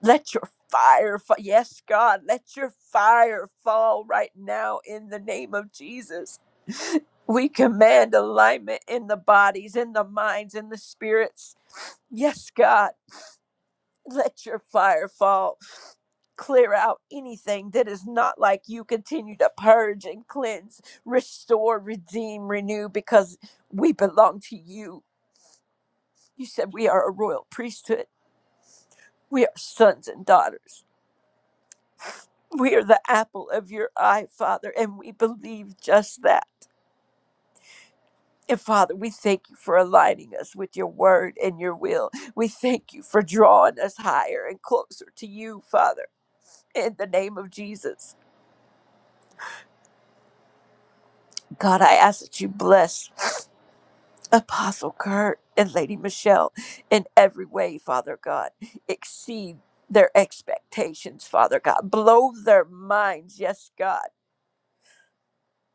Speaker 2: Let your fire, fall. yes, God, let your fire fall right now in the name of Jesus. We command alignment in the bodies, in the minds, in the spirits. Yes, God, let your fire fall. Clear out anything that is not like you. Continue to purge and cleanse, restore, redeem, renew, because we belong to you. You said we are a royal priesthood. We are sons and daughters. We are the apple of your eye, Father, and we believe just that. And Father, we thank you for aligning us with your word and your will. We thank you for drawing us higher and closer to you, Father, in the name of Jesus. God, I ask that you bless Apostle Kurt and Lady Michelle in every way, Father God. Exceed their expectations, Father God. Blow their minds, yes, God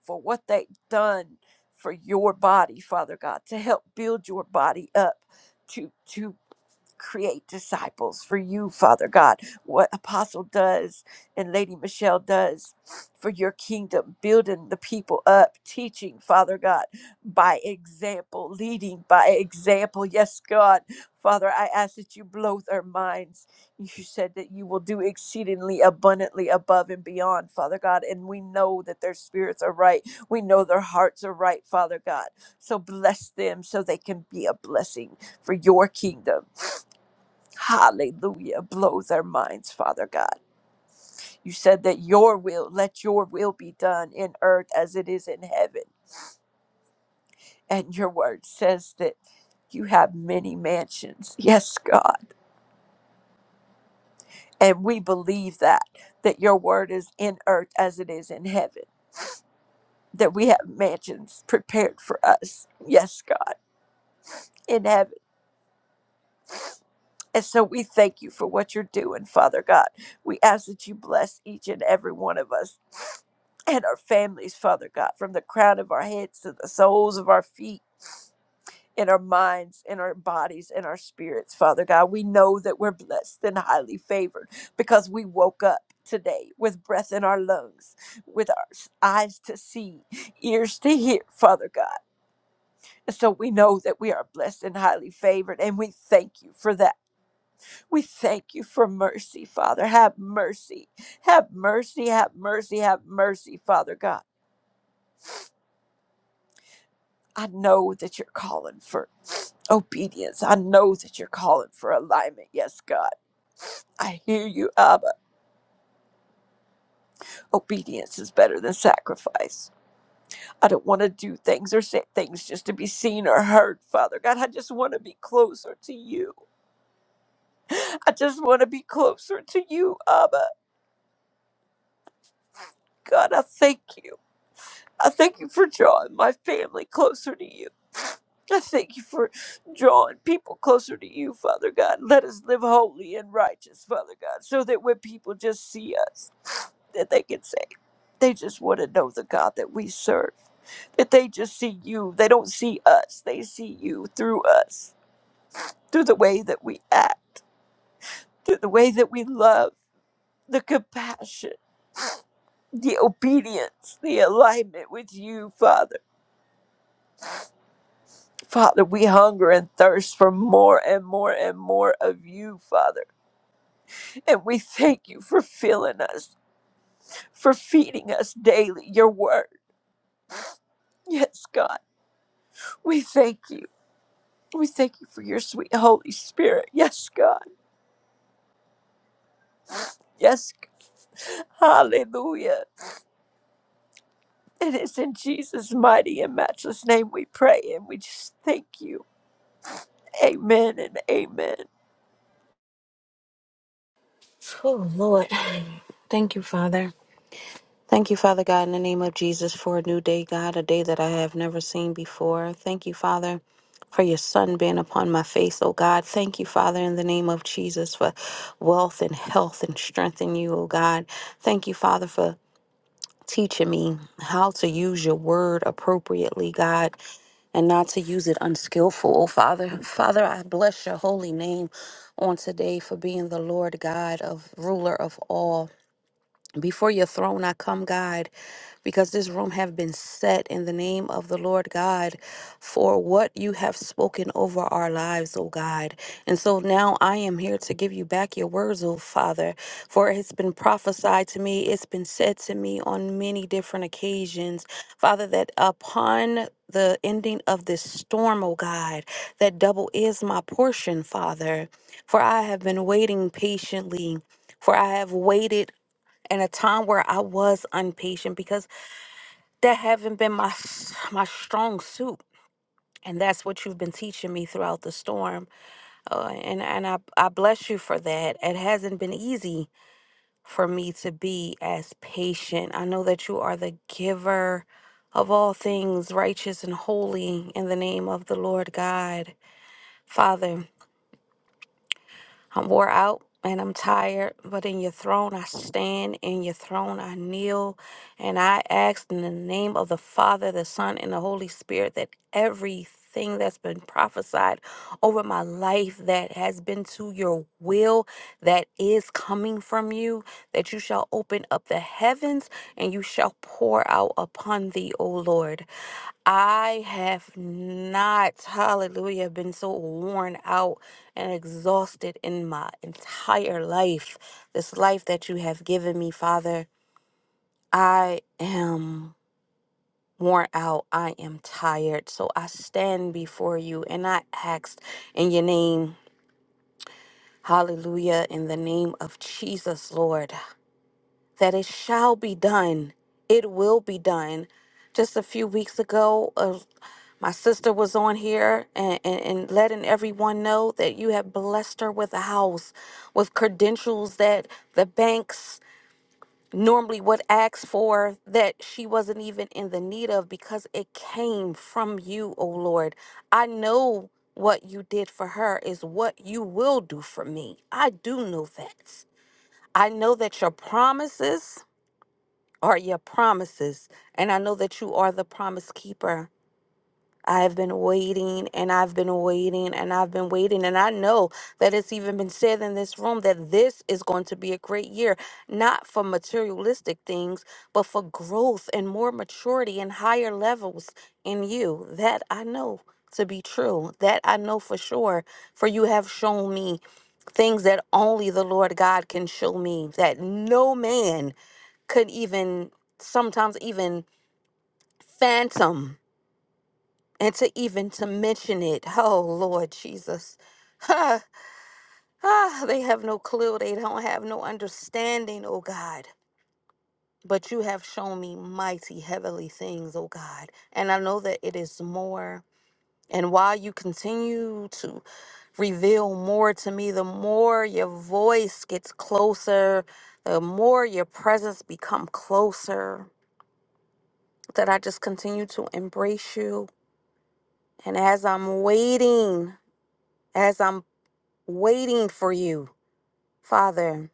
Speaker 2: for what they've done for your body, Father God, to help build your body up, to to create disciples for you, Father God. What Apostle does and Lady Michelle does for your kingdom, building the people up, teaching, Father God, by example, leading by example. Yes, God. Father, I ask that you blow their minds. You said that you will do exceedingly abundantly above and beyond, Father God. And we know that their spirits are right. We know their hearts are right, Father God. So bless them so they can be a blessing for your kingdom Hallelujah. Blow their minds, Father God. You said that your will, let your will be done in earth as it is in heaven. And your word says that you have many mansions. Yes, God. And we believe that, that your word is in earth as it is in heaven, that we have mansions prepared for us. Yes, God. In heaven And so we thank you for what you're doing, Father God. We ask that you bless each and every one of us and our families, Father God, from the crown of our heads to the soles of our feet. In our minds, in our bodies, in our spirits, Father God. We know that we're blessed and highly favored because we woke up today with breath in our lungs, with our s- eyes to see, ears to hear, Father God. And so we know that we are blessed and highly favored, and we thank you for that. We thank you for mercy, Father. Have mercy. Have mercy. Have mercy. Have mercy, Father God. I know that you're calling for obedience. I know that you're calling for alignment. Yes, God. I hear you, Abba. Obedience is better than sacrifice. I don't want to do things or say things just to be seen or heard, Father God. I just want to be closer to you. I just want to be closer to you, Abba. God, I thank you. I thank you for drawing my family closer to you. I thank you for drawing people closer to you, Father God. Let us live holy and righteous, Father God, so that when people just see us, that they can say, they just want to know the God that we serve. That they just see you. They don't see us. They see you through us, through the way that we act, through the way that we love, the compassion, the obedience, the alignment with you, Father. Father, we hunger and thirst for more and more and more of you, Father. And we thank you for filling us, for feeding us daily your word. Yes, God. We thank you. We thank you for your sweet Holy Spirit. Yes, God. Yes, God. Hallelujah. It is in Jesus' mighty and matchless name we pray, and we just thank you. Amen and amen.
Speaker 3: Oh, Lord. Thank you, Father. Thank you, Father God, in the name of Jesus, for a new day, God, a day that I have never seen before. Thank you, Father, for your Son being upon my face, oh God. Thank you, Father, in the name of Jesus, for wealth and health and strength in you, oh God. Thank you, Father, for teaching me how to use your word appropriately, God, and not to use it unskillful, oh Father. Father, I bless your holy name on today for being the Lord God of ruler of all. Before your throne I come, God, because this room have been set in the name of the Lord God for what you have spoken over our lives, O God. And so now I am here to give you back your words, O Father, for it's been prophesied to me, it's been said to me on many different occasions, Father, that upon the ending of this storm, O God, that double is my portion, Father, for I have been waiting patiently. For I have waited in a time where I was impatient because that haven't been my s- my strong suit. And that's what you've been teaching me throughout the storm. Uh, and and I, I bless you for that. It hasn't been easy for me to be as patient. I know that you are the giver of all things righteous and holy in the name of the Lord God. Father, I'm wore out and I'm tired, but in your throne I stand, in your throne I kneel, and I ask in the name of the Father, the Son, and the Holy Spirit that everything that's been prophesied over my life that has been to your will, that is coming from you, that you shall open up the heavens and you shall pour out upon thee, O Lord. I have not, hallelujah, been so worn out and exhausted in my entire life. This life that you have given me, Father, I am worn out. I am tired. So I stand before you and I ask in your name, hallelujah, in the name of Jesus, Lord, that it shall be done. It will be done. Just a few weeks ago, a My sister was on here and, and, and letting everyone know that you have blessed her with a house, with credentials that the banks normally would ask for that she wasn't even in the need of because it came from you, O Lord. I know what you did for her is what you will do for me. I do know that. I know that your promises are your promises, and I know that you are the promise keeper. I've been waiting and I've been waiting and I've been waiting. And I know that it's even been said in this room that this is going to be a great year, not for materialistic things, but for growth and more maturity and higher levels in you. That I know to be true. That I know for sure. For you have shown me things that only the Lord God can show me, that no man could even sometimes even phantom and to even to mention it oh lord jesus ah, ah, they have no clue they don't have no understanding oh god but you have shown me mighty heavenly things oh god and i know that it is more and while you continue to reveal more to me the more your voice gets closer the more your presence become closer that i just continue to embrace you and as i'm waiting as I'm waiting for you, Father.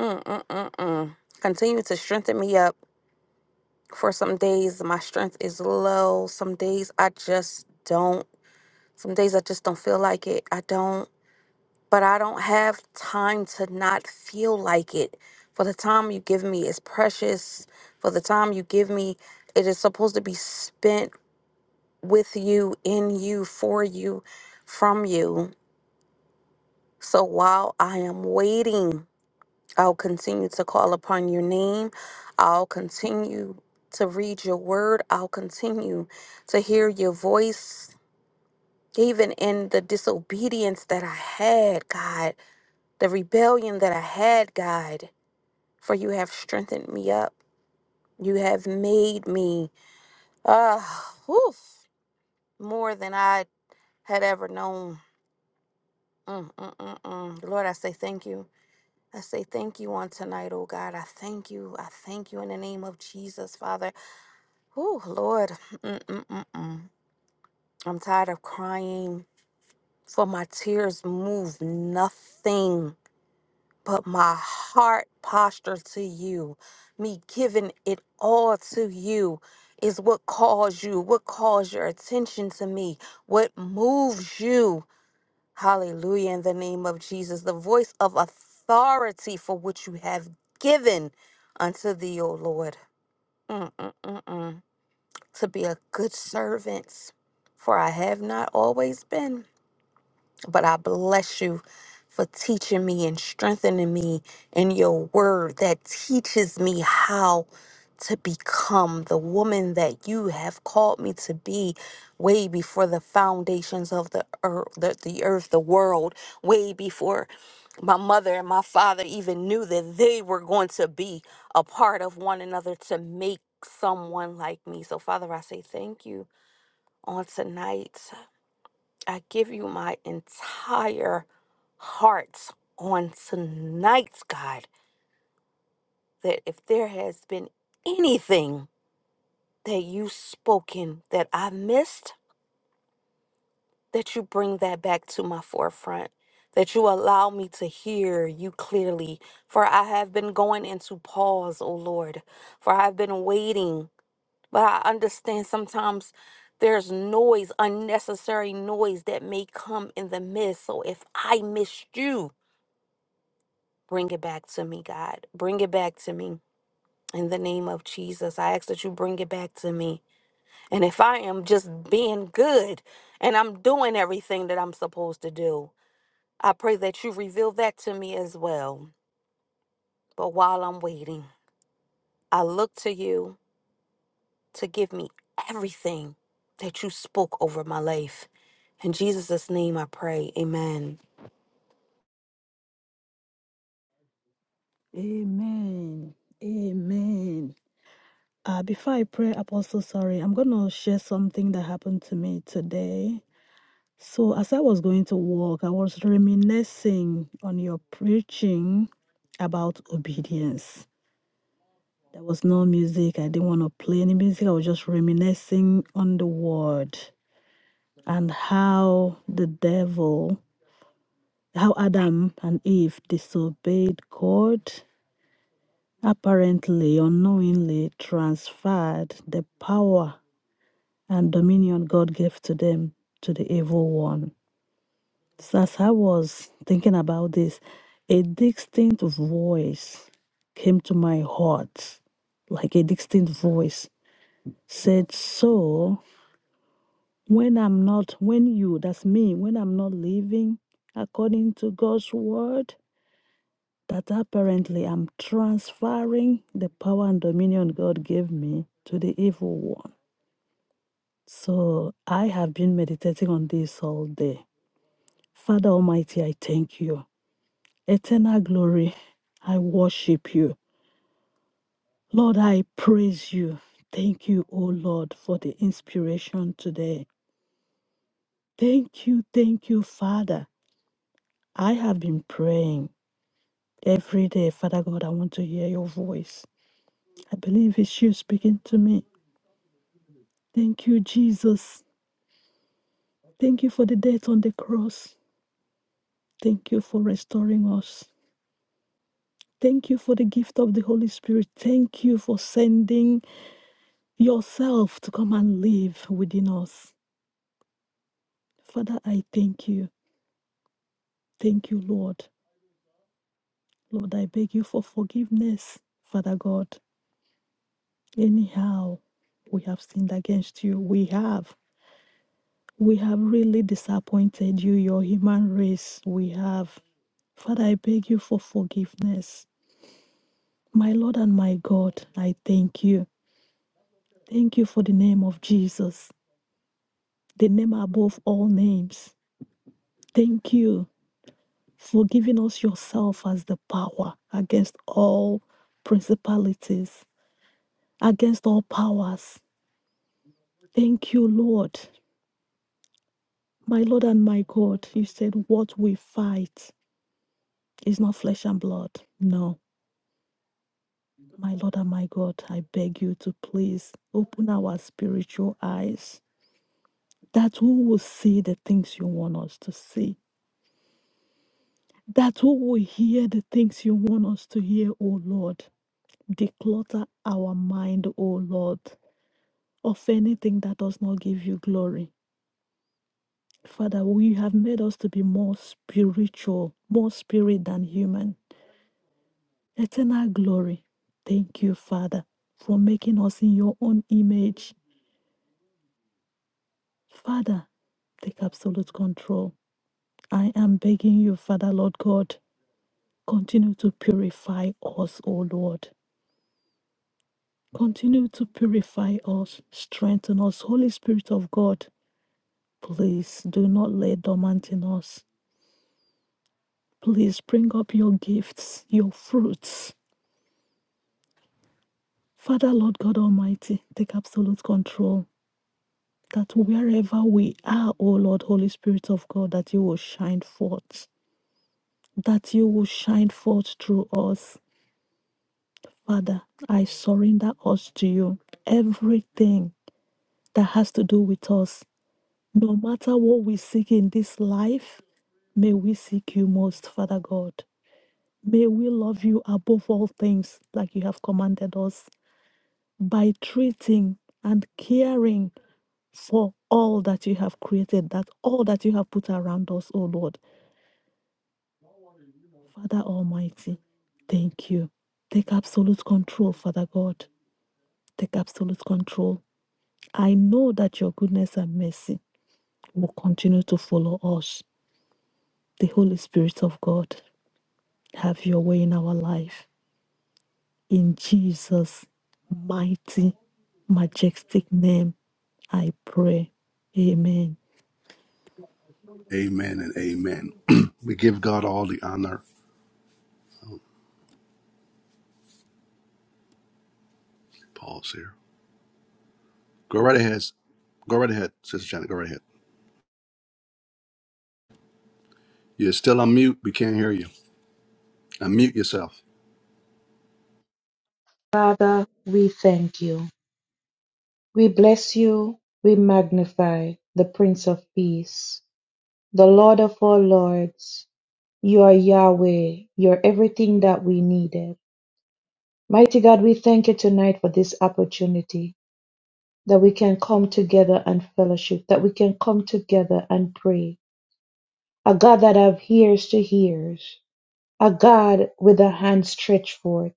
Speaker 3: Mm, mm, mm, mm. Continue to strengthen me up. For some days, my strength is low. Some days, I just don't. Some days, I just don't feel like it. I don't. But I don't have time to not feel like it. For the time you give me is precious. For the time you give me, it is supposed to be spent with you, in you, for you, from you. So while I am waiting, I'll continue to call upon your name. I'll continue to read your word. I'll continue to hear your voice, even in the disobedience that I had, God, the rebellion that I had, God, for you have strengthened me up. You have made me uh, oof, more than I had ever known. Mm, mm, mm, mm. Lord, I say thank you. I say thank you on tonight, oh God. I thank you. I thank you in the name of Jesus, Father. Oh, Lord. Mm-mm-mm-mm. I'm tired of crying, for my tears move nothing but my heart posture to you. Me giving it all to you is what calls you, what calls your attention to me, what moves you. Hallelujah. In the name of Jesus, the voice of authority for which you have given unto thee, O Lord. Mm-mm-mm-mm. to be a good servant, for I have not always been. But I bless you for teaching me and strengthening me in your word that teaches me how to become the woman that you have called me to be way before the foundations of the earth, the, the earth, the world, way before my mother and my father even knew that they were going to be a part of one another to make someone like me. So, Father, I say thank you on tonight. I give you my entire heart on tonight's God, that if there has been anything that you've spoken that I missed, that you bring that back to my forefront, that you allow me to hear you clearly. For I have been going into pause, O Lord, for I've been waiting. But I understand sometimes there's noise, unnecessary noise that may come in the midst. So if I missed you, Bring it back to me, God. Bring it back to me. In the name of Jesus, I ask that you bring it back to me. And if I am just being good and I'm doing everything that I'm supposed to do, I pray that you reveal that to me as well. But while I'm waiting, I look to you to give me everything that you spoke over my life. In Jesus' name I pray. Amen.
Speaker 4: Amen. Amen. Uh, before I pray, Apostle, sorry, I'm going to share something that happened to me today. So, as I was going to walk, I was reminiscing on your preaching about obedience. There was no music. I didn't want to play any music. I was just reminiscing on the word and how the devil, how Adam and Eve disobeyed God apparently unknowingly transferred the power and dominion God gave to them to the evil one. So as I was thinking about this, a distinct voice came to my heart, like a distinct voice said, So when I'm not, when you, that's me, when I'm not living according to God's word, that apparently I'm transferring the power and dominion God gave me to the evil one. So I have been meditating on this all day. Father Almighty, I thank you. Eternal glory, I worship you. Lord, I praise you. Thank you, O Lord, for the inspiration today. Thank you, thank you, Father. I have been praying every day. Father God, I want to hear your voice. I believe it's you speaking to me. Thank you, Jesus. Thank you for the death on the cross. Thank you for restoring us. Thank you for the gift of the Holy Spirit. Thank you for sending yourself to come and live within us. Father, I thank you. Thank you, Lord. Lord, I beg you for forgiveness, Father God. Anyhow, we have sinned against you. We have. We have really disappointed you, your human race. We have. Father, I beg you for forgiveness. My Lord and my God, I thank you. Thank you for the name of Jesus, the name above all names. Thank you for giving us yourself as the power against all principalities, against all powers. Thank you, Lord. My Lord and my God, you said what we fight is not flesh and blood. No. My Lord and my God, I beg you to please open our spiritual eyes that who will see the things you want us to see, that who will hear the things you want us to hear, O Lord. Declutter our mind, O Lord, of anything that does not give you glory. Father, we have made us to be more spiritual, more spirit than human. Eternal glory. Thank you, Father, for making us in your own image. Father, take absolute control. I am begging you, Father, Lord God. Continue to purify us, O Lord. Continue to purify us, strengthen us. Holy Spirit of God, please do not lay dormant in us. Please bring up your gifts, your fruits. Father, Lord God Almighty, take absolute control. That wherever we are, O Lord, Holy Spirit of God, that you will shine forth, that you will shine forth through us. Father, I surrender us to you. Everything that has to do with us. No matter what we seek in this life, may we seek you most, Father God. May we love you above all things, like you have commanded us, by treating and caring for all that you have created, that all that you have put around us, O Lord. Father Almighty, thank you. Take absolute control, Father God. Take absolute control. I know that your goodness and mercy will continue to follow us, the Holy Spirit of God. Have your way in our life. In Jesus' mighty, majestic name, I pray. Amen.
Speaker 1: Amen and amen. (clears throat) we give God all the honor. Pause here. Go right ahead. Go right ahead, Sister Janet. Go right ahead. You're still on mute. We can't hear you. Unmute yourself.
Speaker 5: Father, we thank you. We bless you. We magnify the Prince of Peace, the Lord of all lords. You are Yahweh. You're everything that we needed. Mighty God, we thank you tonight for this opportunity that we can come together and fellowship, that we can come together and pray. A God that have ears to hear, a God with a hand stretched forth,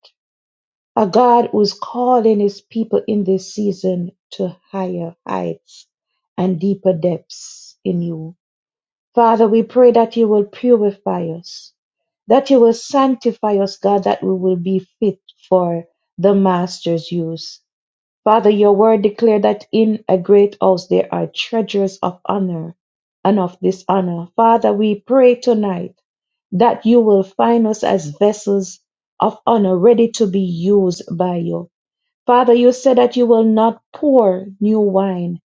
Speaker 5: A God who is calling his people in this season to higher heights and deeper depths in you. Father, we pray that you will purify us, that you will sanctify us, God, that we will be fit for the Master's use. Father, your word declared that in a great house there are treasures of honor and of dishonor. Father, we pray tonight that you will find us as vessels of honor ready to be used by you. Father, you said that you will not pour new wine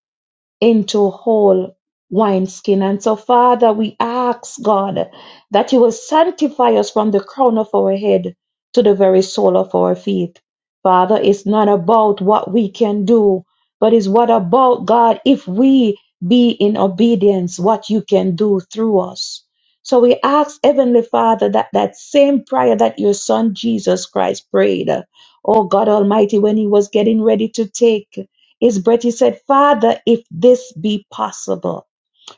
Speaker 5: into whole wineskin. And so, Father, we ask God that you will sanctify us from the crown of our head to the very sole of our feet. Father, it's not about what we can do, but it's what about God if we be in obedience, what you can do through us. So we ask Heavenly Father that that same prayer that your Son Jesus Christ prayed, oh God Almighty, when he was getting ready to take. His breath, he said, Father, if this be possible,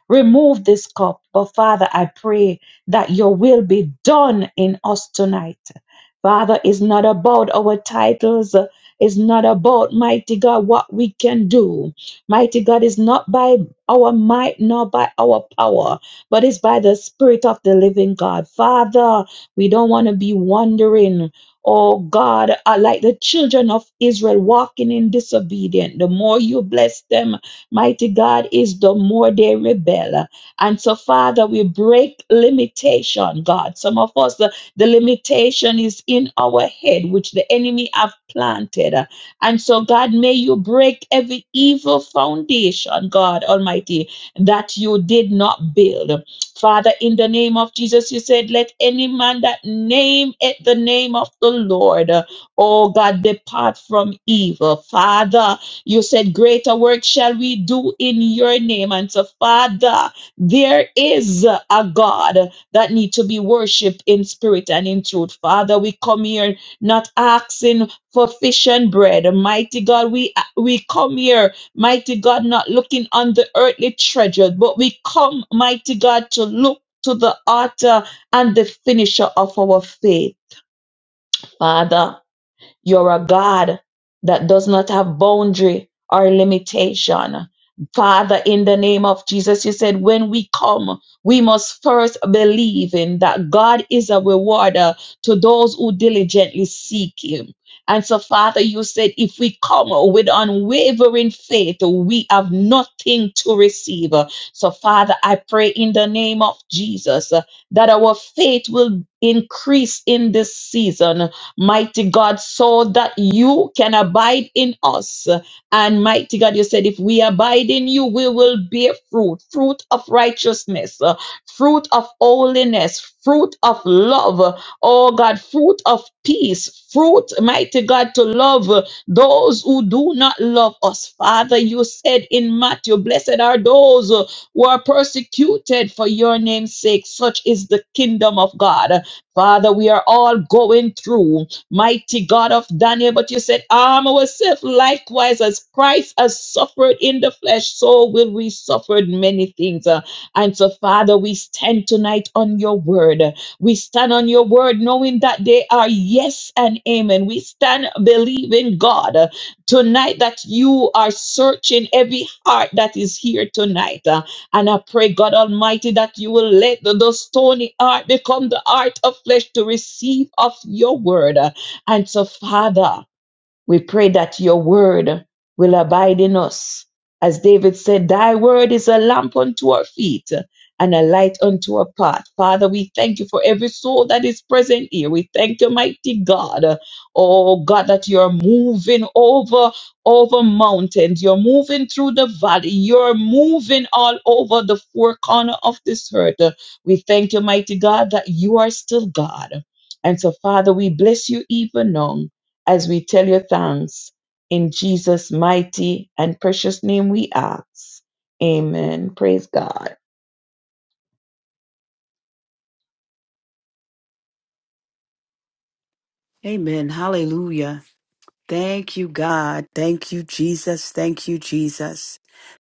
Speaker 5: Remove this cup. But Father, I pray that your will be done in us tonight. Father, it's not about our titles. It's not about, mighty God, what we can do. Mighty God is not by our might nor by our power, but it's by the Spirit of the living God. Father, we don't want to be wandering Oh God, are like the children of Israel walking in disobedience. The more you bless them, mighty God, is the more they rebel. And so, Father, we break limitation, God. Some of us, the, the limitation is in our head, which the enemy have planted. And so, God, may you break every evil foundation, God Almighty, that you did not build. Father, in the name of Jesus, you said, Let any man that name it the name of the Lord, oh God, depart from evil. Father, you said, Greater work shall we do in your name. And so, Father, there is a God that need to be worshipped in spirit and in truth. Father, we come here not asking for fish and bread. Mighty God, we we come here, mighty God, not looking on the earthly treasure, but we come, mighty God, to look to the author and the finisher of our faith. Father, you're a God that does not have boundary or limitation. Father, in the name of Jesus, you said when we come, we must first believe in that God is a rewarder to those who diligently seek Him. And so, Father, you said if we come with unwavering faith, we have nothing to receive. So, Father, I pray in the name of Jesus uh, that our faith will increase in this season mighty God, so that you can abide in us. And mighty God, you said, if we abide in you, we will bear fruit fruit of righteousness, uh, fruit of holiness, fruit of love, oh God, fruit of peace, fruit, mighty God, to love uh, those who do not love us. Father, you said in Matthew, blessed are those uh, who are persecuted for your name's sake. Such is the kingdom of God. Father, we are all going through mighty God of Daniel. But you said, arm ourselves likewise as Christ has suffered in the flesh, so will we suffer many things. Uh, And so, Father, we stand tonight on your word. We stand on your word knowing that they are yes and amen. We stand believing God uh, tonight that you are searching every heart that is here tonight. Uh, And I pray, God Almighty, that you will let the, the stony heart become the heart of flesh to receive of your word. And so, Father, we pray that your word will abide in us. As David said, Thy word is a lamp unto our feet and a light unto our path. Father, we thank you for every soul that is present here. We thank you, mighty God. Oh God, that you're moving over over mountains. You're moving through the valley. You're moving all over the four corner of this earth. We thank you, mighty God, that you are still God. And so, Father, we bless you even now as we tell you thanks. In Jesus' mighty and precious name we ask. Amen. Praise God.
Speaker 6: Amen. Hallelujah. Thank you, God. Thank you, Jesus. Thank you, Jesus.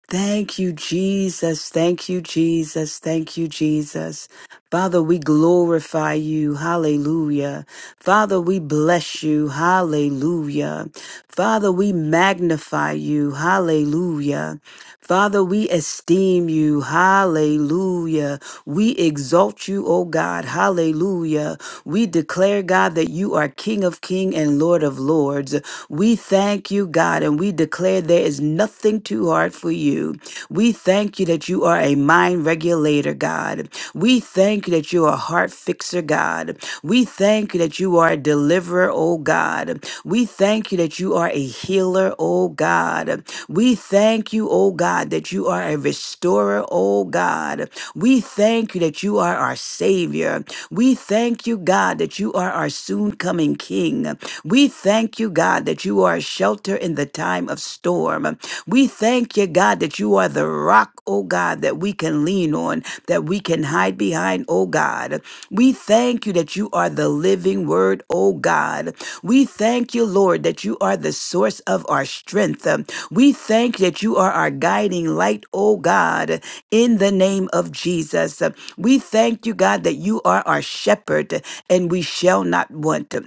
Speaker 6: Thank you, Jesus. Thank you, Jesus. Thank you, Jesus. Father, we glorify you. Hallelujah. Father, we bless you. Hallelujah. Father, we magnify you. Hallelujah. Father, we esteem you. Hallelujah. We exalt you, O God. Hallelujah. We declare, God, that you are King of Kings and Lord of Lords. We thank you, God, and we declare there is nothing too hard for you. We thank you that you are a mind regulator, God. We thank you that you are a heart fixer, God. We thank you that you are a deliverer, oh God. We thank you that you are a healer, oh God. We thank you, oh God, that you are a restorer, oh God. God. We thank you that you are our Savior. We thank you, God, that you are our soon coming King. We thank you, God, that you are a shelter in the time of storm. We thank you, God, that you are the rock, oh God, that we can lean on, that we can hide behind, oh God. We thank you that you are the living word, oh God. We thank you, Lord, that you are the source of our strength. We thank that you are our guiding light, oh God in the name of Jesus. We thank you, God, that you are our shepherd and we shall not want.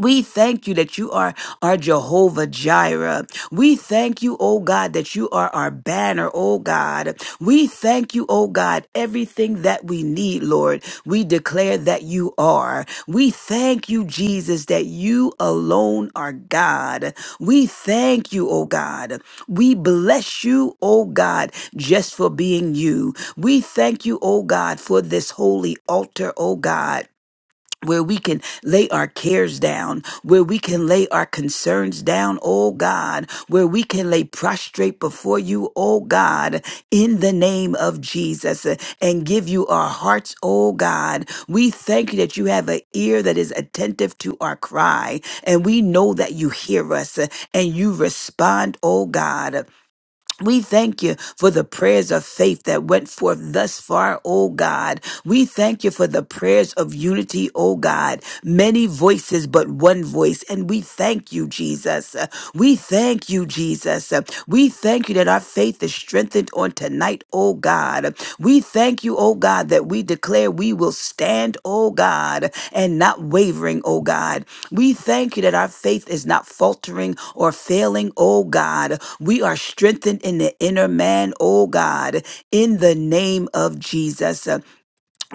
Speaker 6: We thank you that you are our Jehovah Jireh. We thank you, oh God, that you are our banner, oh God. We thank you, oh God, everything that we need, Lord. We declare that you are. We thank you, Jesus, that you alone are God. We thank you, oh God. We bless you, oh God, just for being you. We thank you, oh God, for this holy altar, oh God where we can lay our cares down, where we can lay our concerns down, oh God, where we can lay prostrate before you, oh God, in the name of Jesus, uh, and give you our hearts, oh God. We thank you that you have an ear that is attentive to our cry, and we know that you hear us uh, and you respond, oh God. We thank you for the prayers of faith that went forth thus far, O God. We thank you for the prayers of unity, O God. Many voices, but one voice. And we thank you, Jesus. Uh, We thank you, Jesus. Uh, We thank you that our faith is strengthened on tonight, O God. We thank you, O God, that we declare we will stand, O God, and not wavering, O God. We thank you that our faith is not faltering or failing, oh God. We are strengthened in the inner man, oh God, in the name of Jesus. Uh,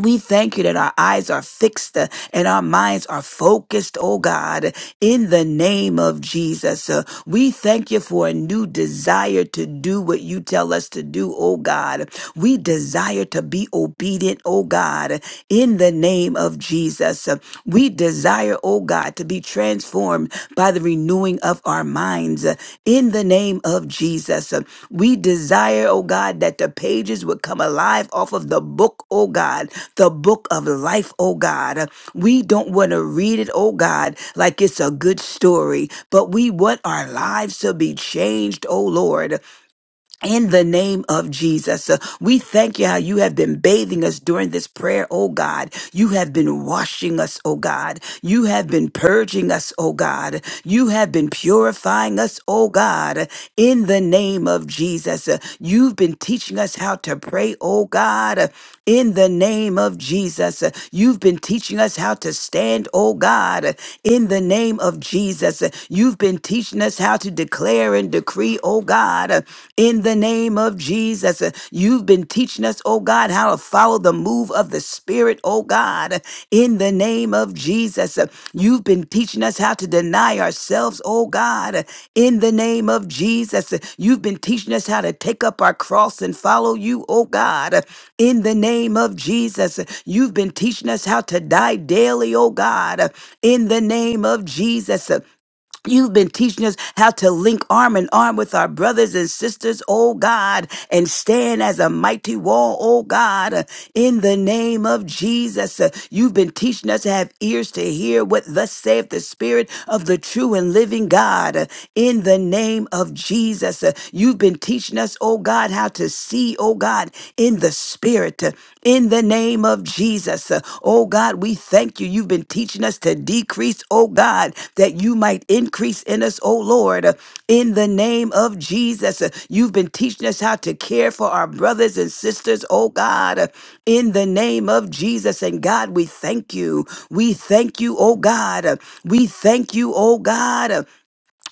Speaker 6: We thank you that our eyes are fixed uh, and our minds are focused, oh God, in the name of Jesus. Uh, We thank you for a new desire to do what you tell us to do, oh God. We desire to be obedient, oh God, in the name of Jesus. We desire, oh God, to be transformed by the renewing of our minds uh, in the name of Jesus. Uh, We desire, oh God, that the pages would come alive off of the book, oh God, the book of life, oh God. Uh, We don't want to read it, oh God, like it's a good story, but we want our lives to be changed, oh Lord in the name of Jesus, Uh, we thank you how you have been bathing us during this prayer, oh God. You have been washing us, oh God. You have been purging us, oh God. You have been purifying us, oh God, in the name of Jesus. Uh, You've been teaching us how to pray, oh God, in the name of Jesus. Uh, You've been teaching us how to stand, oh God, in the name of Jesus. Uh, You've been teaching us how to declare declare and decree, oh God, uh, in the name of Jesus. Uh, You've been teaching us, oh God, how to follow the move of the Spirit, oh God, uh, in the name of Jesus. Uh, You've been teaching us how to deny ourselves, oh God, uh, in the name of Jesus. Uh, You've been teaching us how to take up our cross and follow you, oh God, uh, in the name of Jesus. Uh, You've been teaching us how to die daily, oh God, uh, in the name of Jesus. You've been teaching us how to link arm in arm with our brothers and sisters, oh God, and stand as a mighty wall, oh God, uh, in the name of Jesus. Uh, You've been teaching us to have ears to hear what thus saith the Spirit of the true and living God, uh, in the name of Jesus. Uh, You've been teaching us, oh God, how to see, oh God, in the Spirit in the name of Jesus. Uh, Oh God, we thank you. You've been teaching us to decrease, oh God, that you might increase in us, oh Lord, Uh, in the name of Jesus. Uh, You've been teaching us how to care for our brothers and sisters, oh God, Uh, in the name of Jesus. And God, we thank you. We thank you, oh God. Uh, We thank you, oh God.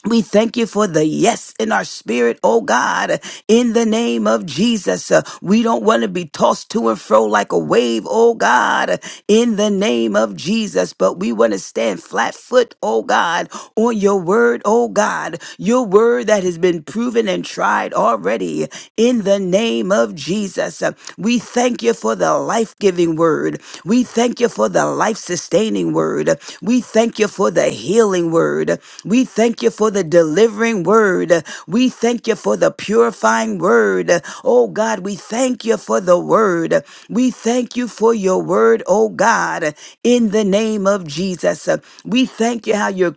Speaker 6: We thank you for the yes in our spirit, oh God, in the name of Jesus. Uh, We don't want to be tossed to and fro like a wave, oh God, in the name of Jesus, but we want to stand flat foot, oh God, on your word, oh God, your word that has been proven and tried already, in the name of Jesus. Uh, We thank thank you for the life giving word. We thank you for the life sustaining word. We thank you for the healing word. We thank you for the delivering word. We thank you for the purifying word. Oh God, we thank you for the word. We thank you for your word, oh God, in the name of Jesus. We thank you how you're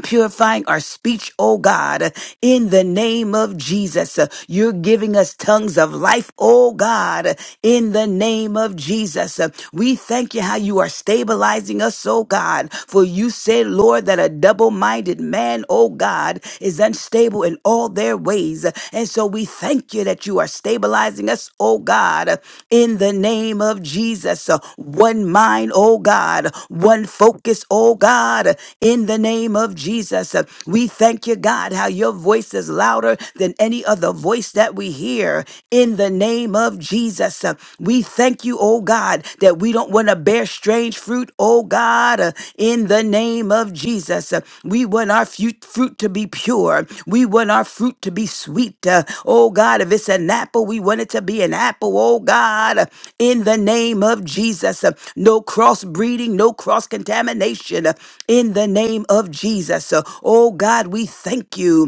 Speaker 6: purifying our speech, oh God, in the name of Jesus. You're giving us tongues of life, oh God, in the name of Jesus. We thank you how you are stabilizing us, oh God, for you said, Lord, that a double minded man, oh God, is unstable in all their ways. And so we thank you that you are stabilizing us, oh God, in the name of Jesus. One mind, oh God, one focus, oh God, in the name of Jesus. We thank you, God, how your voice is louder than any other voice that we hear in the name of Jesus. We thank you, oh God, that we don't want to bear strange fruit fruit, oh God, uh, in the name of Jesus. Uh, We want our fu- fruit to be pure. We want our fruit to be sweet. Uh, Oh God, if it's an apple, we want it to be an apple, oh God, uh, in the name of Jesus. Uh, No cross breeding, no cross contamination, in the name of Jesus. Uh, Oh God, we thank you.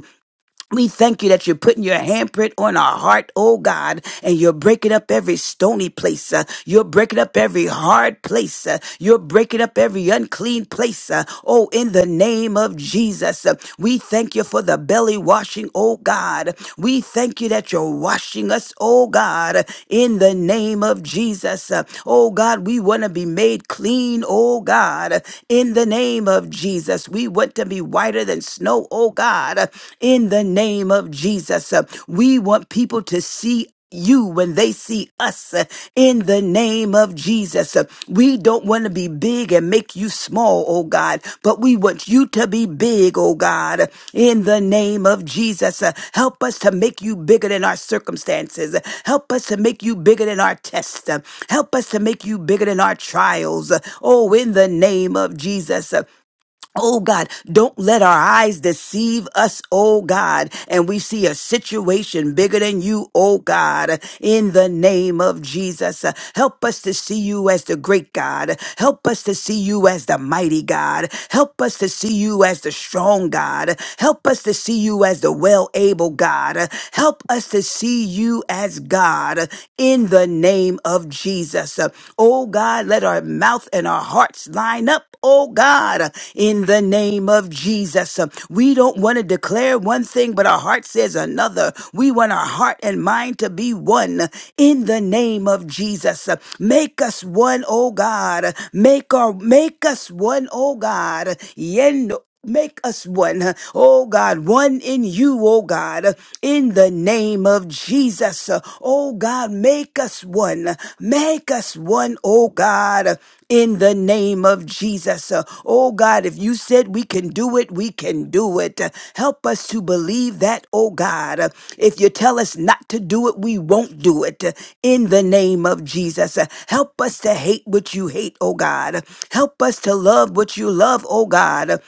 Speaker 6: We thank you that you're putting your handprint on our heart, oh God, and you're breaking up every stony place. uh, you're breaking up every hard place. uh, you're breaking up every unclean place. uh, oh, in the name of Jesus, Uh, we thank you for the belly washing, oh God. We thank you that you're washing us, oh God, in the name of Jesus. Uh, oh God, we want to be made clean, oh God, in the name of Jesus. We want to be whiter than and snow, oh God, uh, in the name of Jesus. Uh, We want people to see you when they see us uh, in the name of Jesus. Uh, We don't want to be big and make you small, oh God, but we want you to be big, oh God, uh, in the name of Jesus. Uh, Help us to make you bigger than our circumstances. Uh, Help us to make you bigger than our tests. Uh, Help us to make you bigger than our trials. Uh, Oh, in the name of Jesus. Uh, Oh God, don't let our eyes deceive us, oh God, and we see a situation bigger than you, oh God, in the name of Jesus. Uh, Help us to see you as the great God. Help us to see you as the mighty God. Help us to see you as the strong God. Help us to see you as the well able God. Uh, Help us to see you as God uh, in the name of Jesus us. Uh, Oh God, let our mouth and our hearts line up. Oh God, uh, in the name of Jesus. Uh, We don't want to declare one thing, but our heart says another. We want our heart and mind to be one uh, in the name of Jesus. Uh, Make us one, oh God. Make our make us one, oh God. Yendo. Make us one, oh God, one in you, oh God, in the name of Jesus. Oh God, make us one. Make us one, oh God, in the name of Jesus. Oh God, if you said we can do it, we can do it. Help us to believe that, oh God. If you tell us not to do it, we won't do it. In the name of Jesus, help us to hate what you hate, oh God. Help us to love what you love, oh God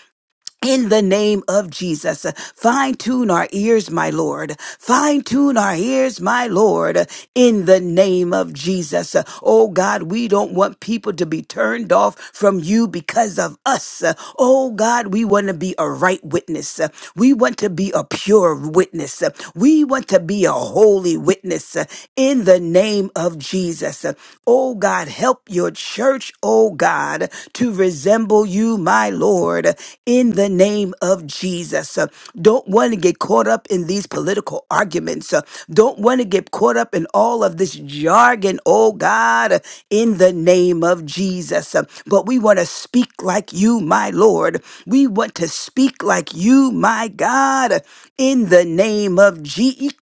Speaker 6: in the name of Jesus, fine tune our ears, my Lord. Fine tune our ears, my Lord, in the name of Jesus. Oh God, we don't want people to be turned off from you because of us. Oh God, we want to be a right witness. We want to be a pure witness. We want to be a holy witness in the name of Jesus. Oh God, help your church, oh God, to resemble you, my Lord. Lord, in the name of Jesus. Uh, Don't want to get caught up in these political arguments. Uh, Don't want to get caught up in all of this jargon, oh God, uh, in the name of Jesus. Uh, But we want to speak like you, my Lord. We want to speak like you, my God, uh, in the name of Jesus.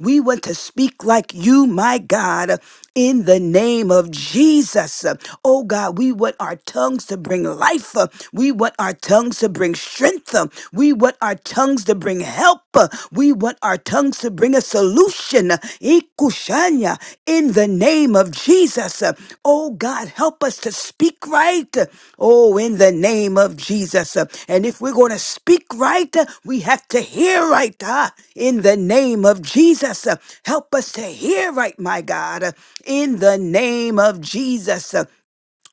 Speaker 6: We want to speak like you, my God, uh, in the name of Jesus. Uh, Oh God, we want our our tongues to bring life. uh, We want our tongues to bring strength. uh, We want our tongues to bring help. uh, We want our tongues to bring a solution. uh, Ikushanya, In the name of Jesus. uh, Oh God, help us to speak right. uh, Oh, in the name of Jesus. uh, And if we're going to speak right, uh, we have to hear right. ah, In the name of Jesus. uh, Help us to hear right, my God. uh, In the name of Jesus. uh,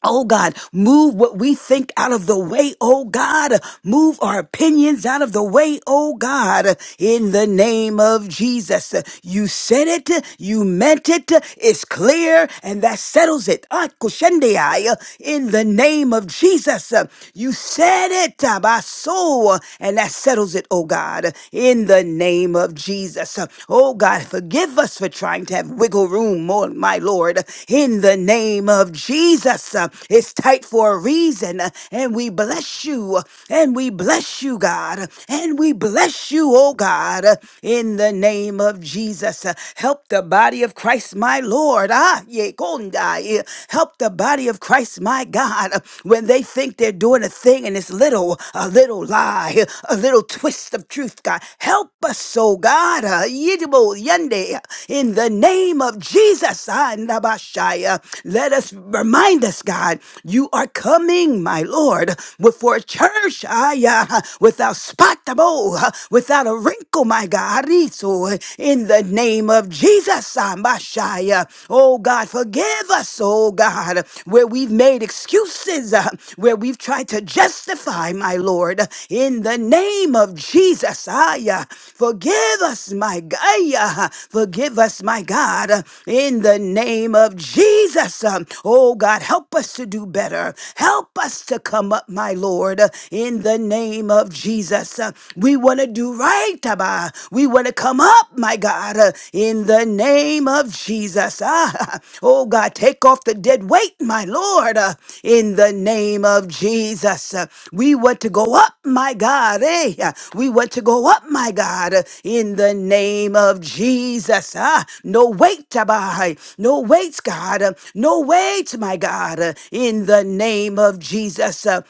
Speaker 6: Oh God, move what we think out of the way, oh God. Move our opinions out of the way, oh God. In the name of Jesus. You said it, you meant it, it's clear, and that settles it. Ah, kushendiai. In the name of Jesus. You said it, Abaso, and that settles it, oh God. In the name of Jesus. Oh God, Forgive us for trying to have wiggle room, more, my Lord, in the name of Jesus. Uh, It's tight for a reason, uh, and we bless you, uh, and we bless you, God, uh, and we bless you, oh God, uh, in the name of Jesus. Uh, Help the body of Christ, my Lord. Ah, ye kondai. Help the body of Christ, my God, uh, when they think they're doing a thing and it's little a little lie, a little twist of truth, God. Help us, oh God, uh, Yidibo Yende, in the name of Jesus. ah, Nabashaya. Let us remind us, God, you are coming, my Lord, with for a church ah, yeah, without spot, abo, uh, without a wrinkle, my God. Rizo, In the name of Jesus, ah, Mashaya. oh God, forgive us us, oh God, where we've made excuses, uh, where we've tried to justify, my Lord, in the name of Jesus. Aya, forgive us, my God. Aya, Forgive us, my God, in the name of Jesus. Um, Oh God, help us to do better. Help us to come up, my Lord, in the name of Jesus. Uh, We want to do right, Abba. We we want to come up, my God, uh, in the name of Jesus. Ah, (laughs) oh God, take off the dead weight, my Lord, uh, in the name of Jesus. Uh, We want to go up, my God. eh? Uh, We want to go up, my God, uh, in the name of Jesus. Ah, no weight, Tabai. No weights, God. Uh, No weights, my God, uh, in the name of Jesus. Uh,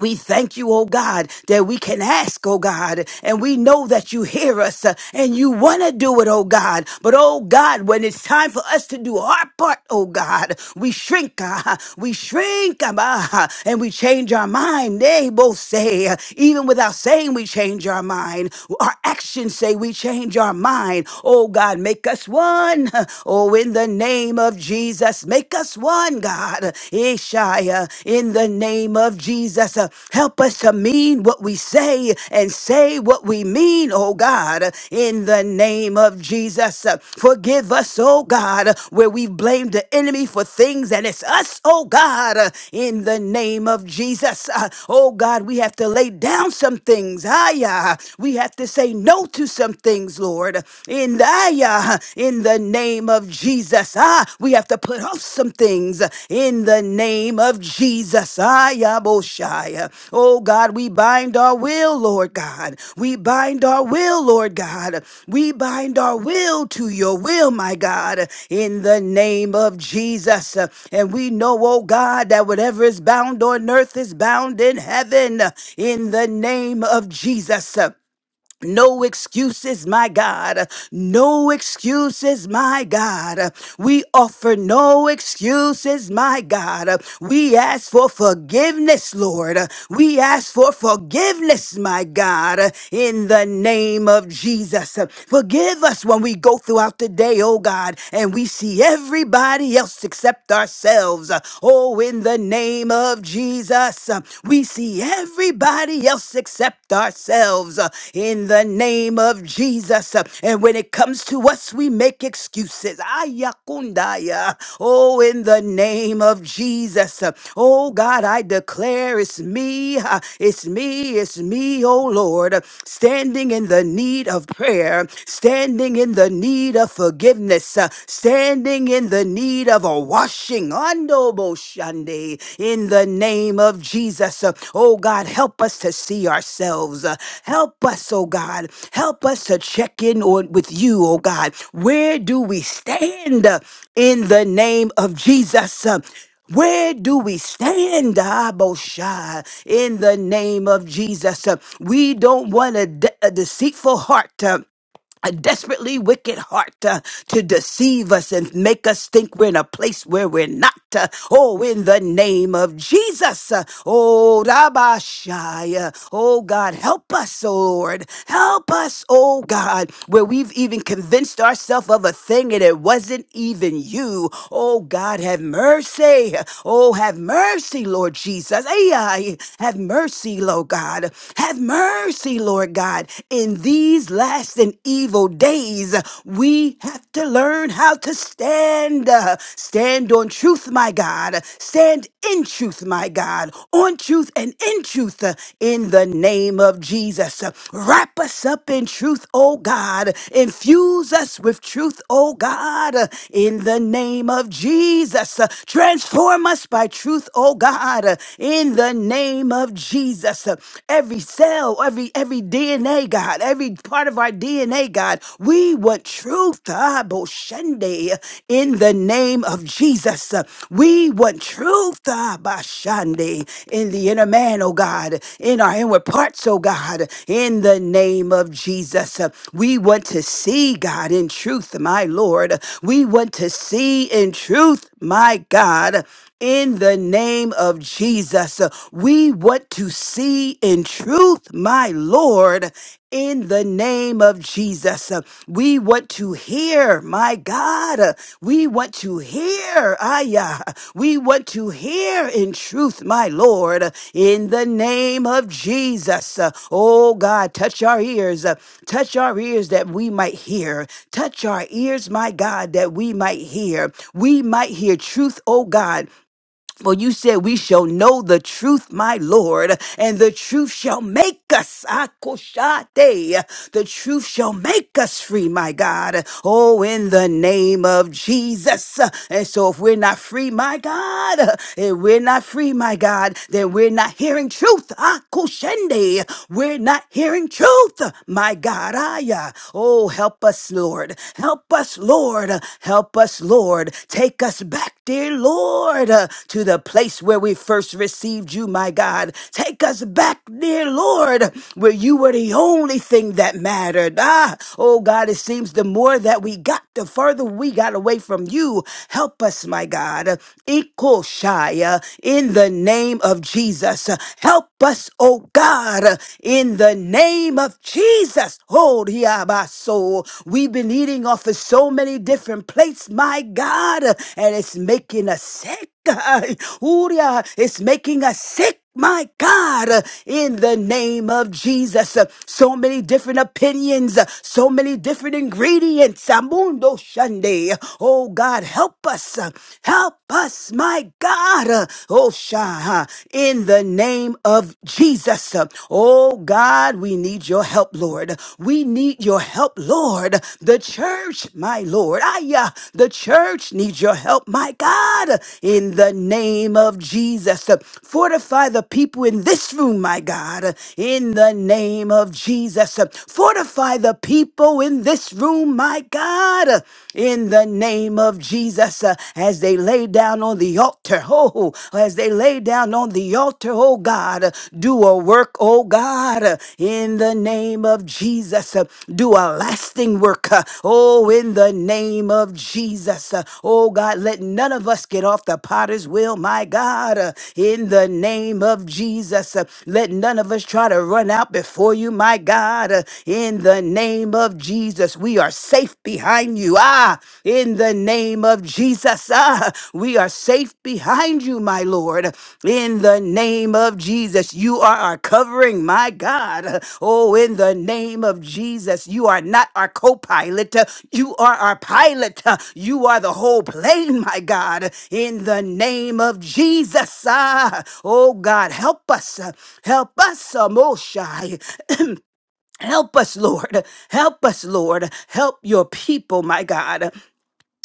Speaker 6: we thank you, oh God, that we can ask, oh God, and we know that you hear us uh, and you want to do it, oh God. But, oh God, when it's time for us to do our part, oh God, we shrink, (laughs) ah, we shrink, ah, ah, and we change our mind. They both say, uh, even without saying we change our mind, our actions say we change our mind. Oh God, make us one. (laughs) Oh, in the name of Jesus, make us one one, God. Ishaya, in the name of Jesus, uh, help us to mean what we say and say what we mean, oh God, in the name of Jesus. Uh, Forgive us, oh God, where we've blamed the enemy for things and it's us, oh God, uh, in the name of Jesus. Uh, Oh God, we have to lay down some things. Aya, we have to say no to some things, Lord. In the aya, (laughs) in the name of Jesus. Ah, we have to put off some things in the name of Jesus. Ah, Yaboshai. Oh God, we bind our will, Lord God. We bind our will, Lord God. We bind our will to your will, my God, in the name of Jesus. And we know, oh God, that whatever is bound on earth is bound in heaven in the name of Jesus. No excuses, my God. No excuses, my God. We offer no excuses, my God. We ask for forgiveness, Lord. We ask for forgiveness, my God, in the name of Jesus. Forgive us when we go throughout the day, oh God, and we see everybody else except ourselves. Oh, in the name of Jesus us. Uh, We see everybody else except ourselves uh, in the name of Jesus. Uh, And when it comes to us, we make excuses. Ayakundaya. Oh, in the name of Jesus. Uh, Oh, God, I declare it's me. uh, It's me. It's me, oh Lord, uh, standing in the need of prayer, standing in the need of forgiveness, uh, standing in the need of a washing. Ando bo shande. In the name of Jesus. Uh, Oh God, help us to see ourselves. Uh, Help us, oh God. Help us to check in on with you, oh God. Where do we stand uh, in the name of Jesus? Uh, where do we stand, Abosha, in the name of Jesus? Uh, We don't want a, de- a deceitful heart a desperately wicked heart uh, to deceive us and make us think we're in a place where we're not. uh, oh, in the name of Jesus. Uh, oh, Rabashaya. Oh, God, help us, oh Lord. Help us, oh God, where we've even convinced ourselves of a thing and it wasn't even you. Oh, God, have mercy. Oh, have mercy, Lord Jesus. Ay, ay. Have mercy, Lord God. Have mercy, Lord God, in these last last and evil days, we have to learn how to stand. Uh, Stand on truth, my God. Stand in truth, my God. On truth and in truth, uh, in the name of Jesus. Uh, Wrap us up in truth, oh God. Infuse us with truth, oh God, uh, in the name of Jesus. Uh, Transform us by truth, oh God, uh, in the name of Jesus. Uh, Every cell, every every DNA, God every part of our DNA, God. We want truth, ah, Boshende, in the name of Jesus. We want truth, ah, Bashande, in the inner man, oh God, in our inward parts, oh God, in the name of Jesus. We want to see God in truth, my Lord. We want to see in truth, my God. In the name of Jesus, we want to see in truth, my Lord, in the name of Jesus. Uh, We want to hear, my God. Uh, We want to hear. Ayah. We want to hear in truth, my Lord, uh, in the name of Jesus. Uh, Oh God, touch our ears. Uh, Touch our ears that we might hear. Touch our ears, my God, that we might hear. We might hear truth, oh God. For you said, We shall know the truth, my Lord, and the truth shall make us. Akoshate. The truth shall make us free, my God. Oh, in the name of Jesus. And so, if we're not free, my God, if we're not free, my God, then we're not hearing truth. Akoshende. We're not hearing truth, my God. Aya. Oh, help us, Lord. Help us, Lord. Help us, Lord. Take us back dear Lord, uh, to the place where we first received you, my God. Take us back, dear Lord, where you were the only thing that mattered. Ah, oh God, it seems the more that we got, the further we got away from you. Help us, my God. Equal Shia, in the name of Jesus. Help us, oh God, in the name of Jesus. Hold here my soul. We've been eating off of so many different plates, my God, and it's making us sick. (laughs) Uria, it's making us sick. My God, uh, in the name of Jesus, Uh, so many different opinions, uh, so many different ingredients. Amundo Shande. Oh God, help us. uh, Help us, my God. Uh, Oh Shah, in the name of Jesus. Oh God, we need your help, Lord. We need your help, Lord. The church, my Lord. Aya, the church needs your help, my God. In the name of Jesus. Fortify the people in this room, my God. In the name of Jesus. Fortify the people in this room, my God. In the name of Jesus. As they lay down on the altar, altar, oh, as they lay down on the altar, oh God, do a work, oh God, in the name of Jesus, do a lasting work, oh, in the name of Jesus, oh God, let none of us get off the potter's wheel, my God, in the name of Jesus, let none of us try to run out before you, my God, in the name of Jesus, we are safe behind behind you. Ah, in the name of Jesus, ah, we are safe behind you, my Lord. In the name of Jesus, you are our covering, my God. Oh, in the name of Jesus, you are not our co pilot, you are our pilot. You are the whole plane, my God. In the name of Jesus, ah, oh God, help us, help us, Amoshai. (coughs) Help us, Lord. Help us, Lord. Help your people, my God.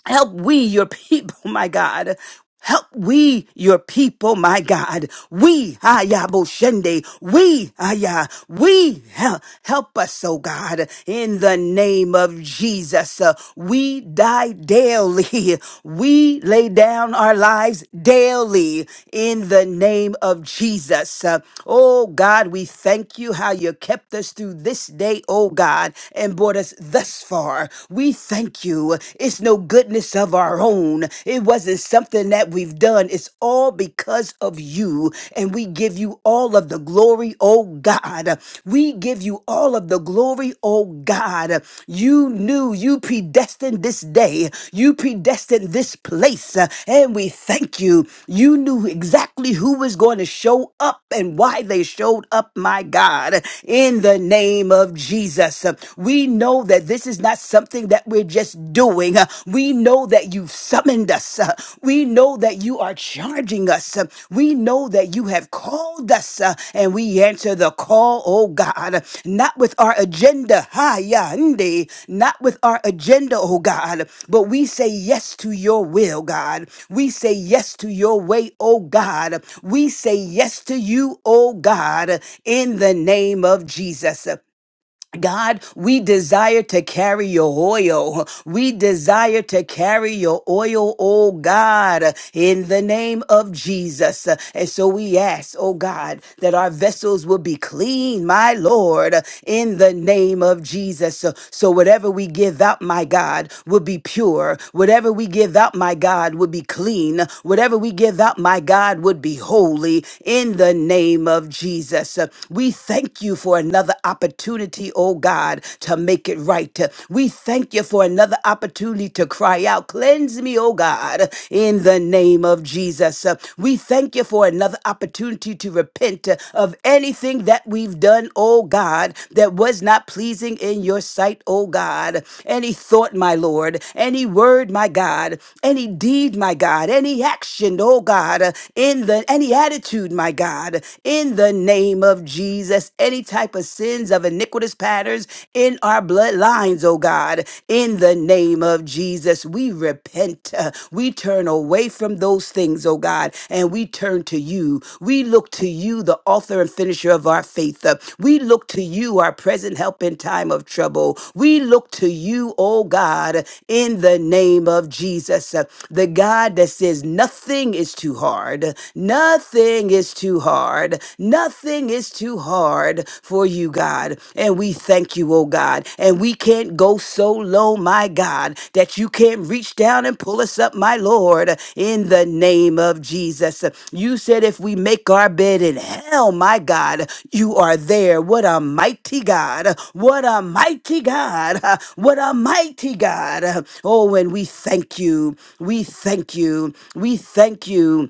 Speaker 6: Help we, your people, my God. Help we, your people, my God. We, Aya Boshende, we, Aya, we, help, help us, oh God, in the name of Jesus. Uh, we die daily. (laughs) We lay down our lives daily in the name of Jesus. Uh, oh God, we thank you how you kept us through this day, oh God, and brought us thus far. We we thank you. It's no goodness of our own. It wasn't something that we've done. It's all because of you. And we give you all of the glory, oh God. We give you all of the glory, oh God. You knew, you predestined this day, you predestined this place. And we thank you. You knew exactly who was going to show up and why they showed up, my God. In the name of Jesus, we we know that this is not something that we're just doing. Uh, We know that you've summoned us. Uh, We know that you are charging us. Uh, We know that you have called us uh, and we answer the call, oh God, not with our agenda, ha ya, nde, not with our agenda, oh God, but we say yes to your will, God. We say yes to your way, oh God. We say yes to you, oh God, in the name of Jesus. God, we desire to carry your oil. We desire to carry your oil, oh God, in the name of Jesus. And so we ask, oh God, that our vessels will be clean, my Lord, in the name of Jesus. So so whatever we give out, my God, will be pure. Whatever we give out, my God, will be clean. Whatever we give out, my God, would be holy in the name of Jesus. We thank you you for another opportunity, oh God, to make it right. We thank you for another opportunity to cry out, cleanse me, oh God, in the name of Jesus. Uh, We thank you for another opportunity to repent uh, of anything that we've done, oh God, that was not pleasing in your sight, oh God. Any thought, my Lord, any word, my God, any deed, my God, any action, oh God, uh, in the any attitude, my God, in the name of Jesus. Any type of sins of iniquitous patterns in our bloodlines, oh God, in the name of Jesus, we repent. Uh, We turn away from those things, oh God, and we turn to you. We look to you, the author and finisher of our faith. Uh, We look to you, our present help in time of trouble. We look to you, oh God, in the name of Jesus, Uh, the God that says nothing is too hard, nothing Nothing is too hard. Nothing is too hard for you, God. And we thank you, oh God. And we can't go so low, my God, that you can't reach down and pull us up, my Lord, in the name of Jesus. You said if we make our bed in hell, my God, you are there. What a mighty God. What a mighty God. (laughs) What a mighty God. Oh, and we thank you. We thank you. We thank you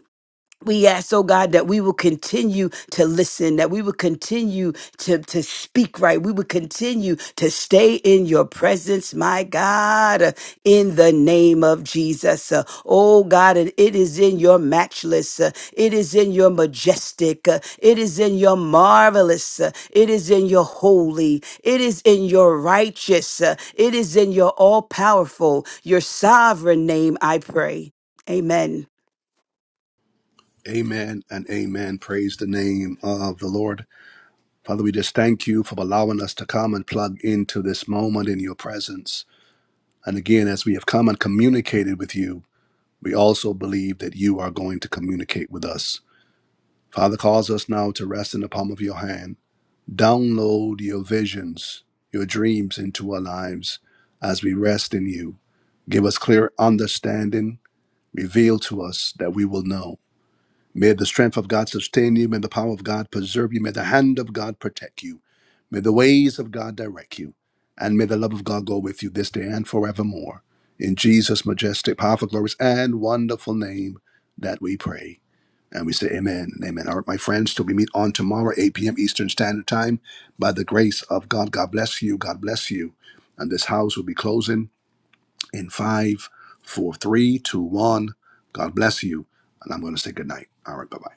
Speaker 6: we ask, oh God, that we will continue to listen, that we will continue to, to speak right. We will continue to stay in your presence, my God, uh, in the name of Jesus. Uh, Oh God, and it is in your matchless, uh, it is in your majestic, uh, it is in your marvelous, uh, it is in your holy, it is in your righteous, uh, it is in your all powerful, your sovereign name, I pray. Amen.
Speaker 1: Amen and amen. Praise the name of the Lord. Father, we just thank you for allowing us to come and plug into this moment in your presence. And again, as we have come and communicated with you, we also believe that you are going to communicate with us. Father, cause us now to rest in the palm of your hand Download your visions, your dreams into our lives as we rest in you. Give us clear understanding. Reveal to us that we will know. May the strength of God sustain you. May the power of God preserve you. May the hand of God protect you. May the ways of God direct you. And may the love of God go with you this day and forevermore. In Jesus' majestic, powerful, glorious, and wonderful name that we pray. And we say amen and amen. All right, my friends, till we meet on tomorrow, 8 p.m. Eastern Standard Time, by the grace of God, God bless you. God bless you. And this house will be closing in five, four, three, two, one. God bless you. And I'm going to say good night. All right, bye bye.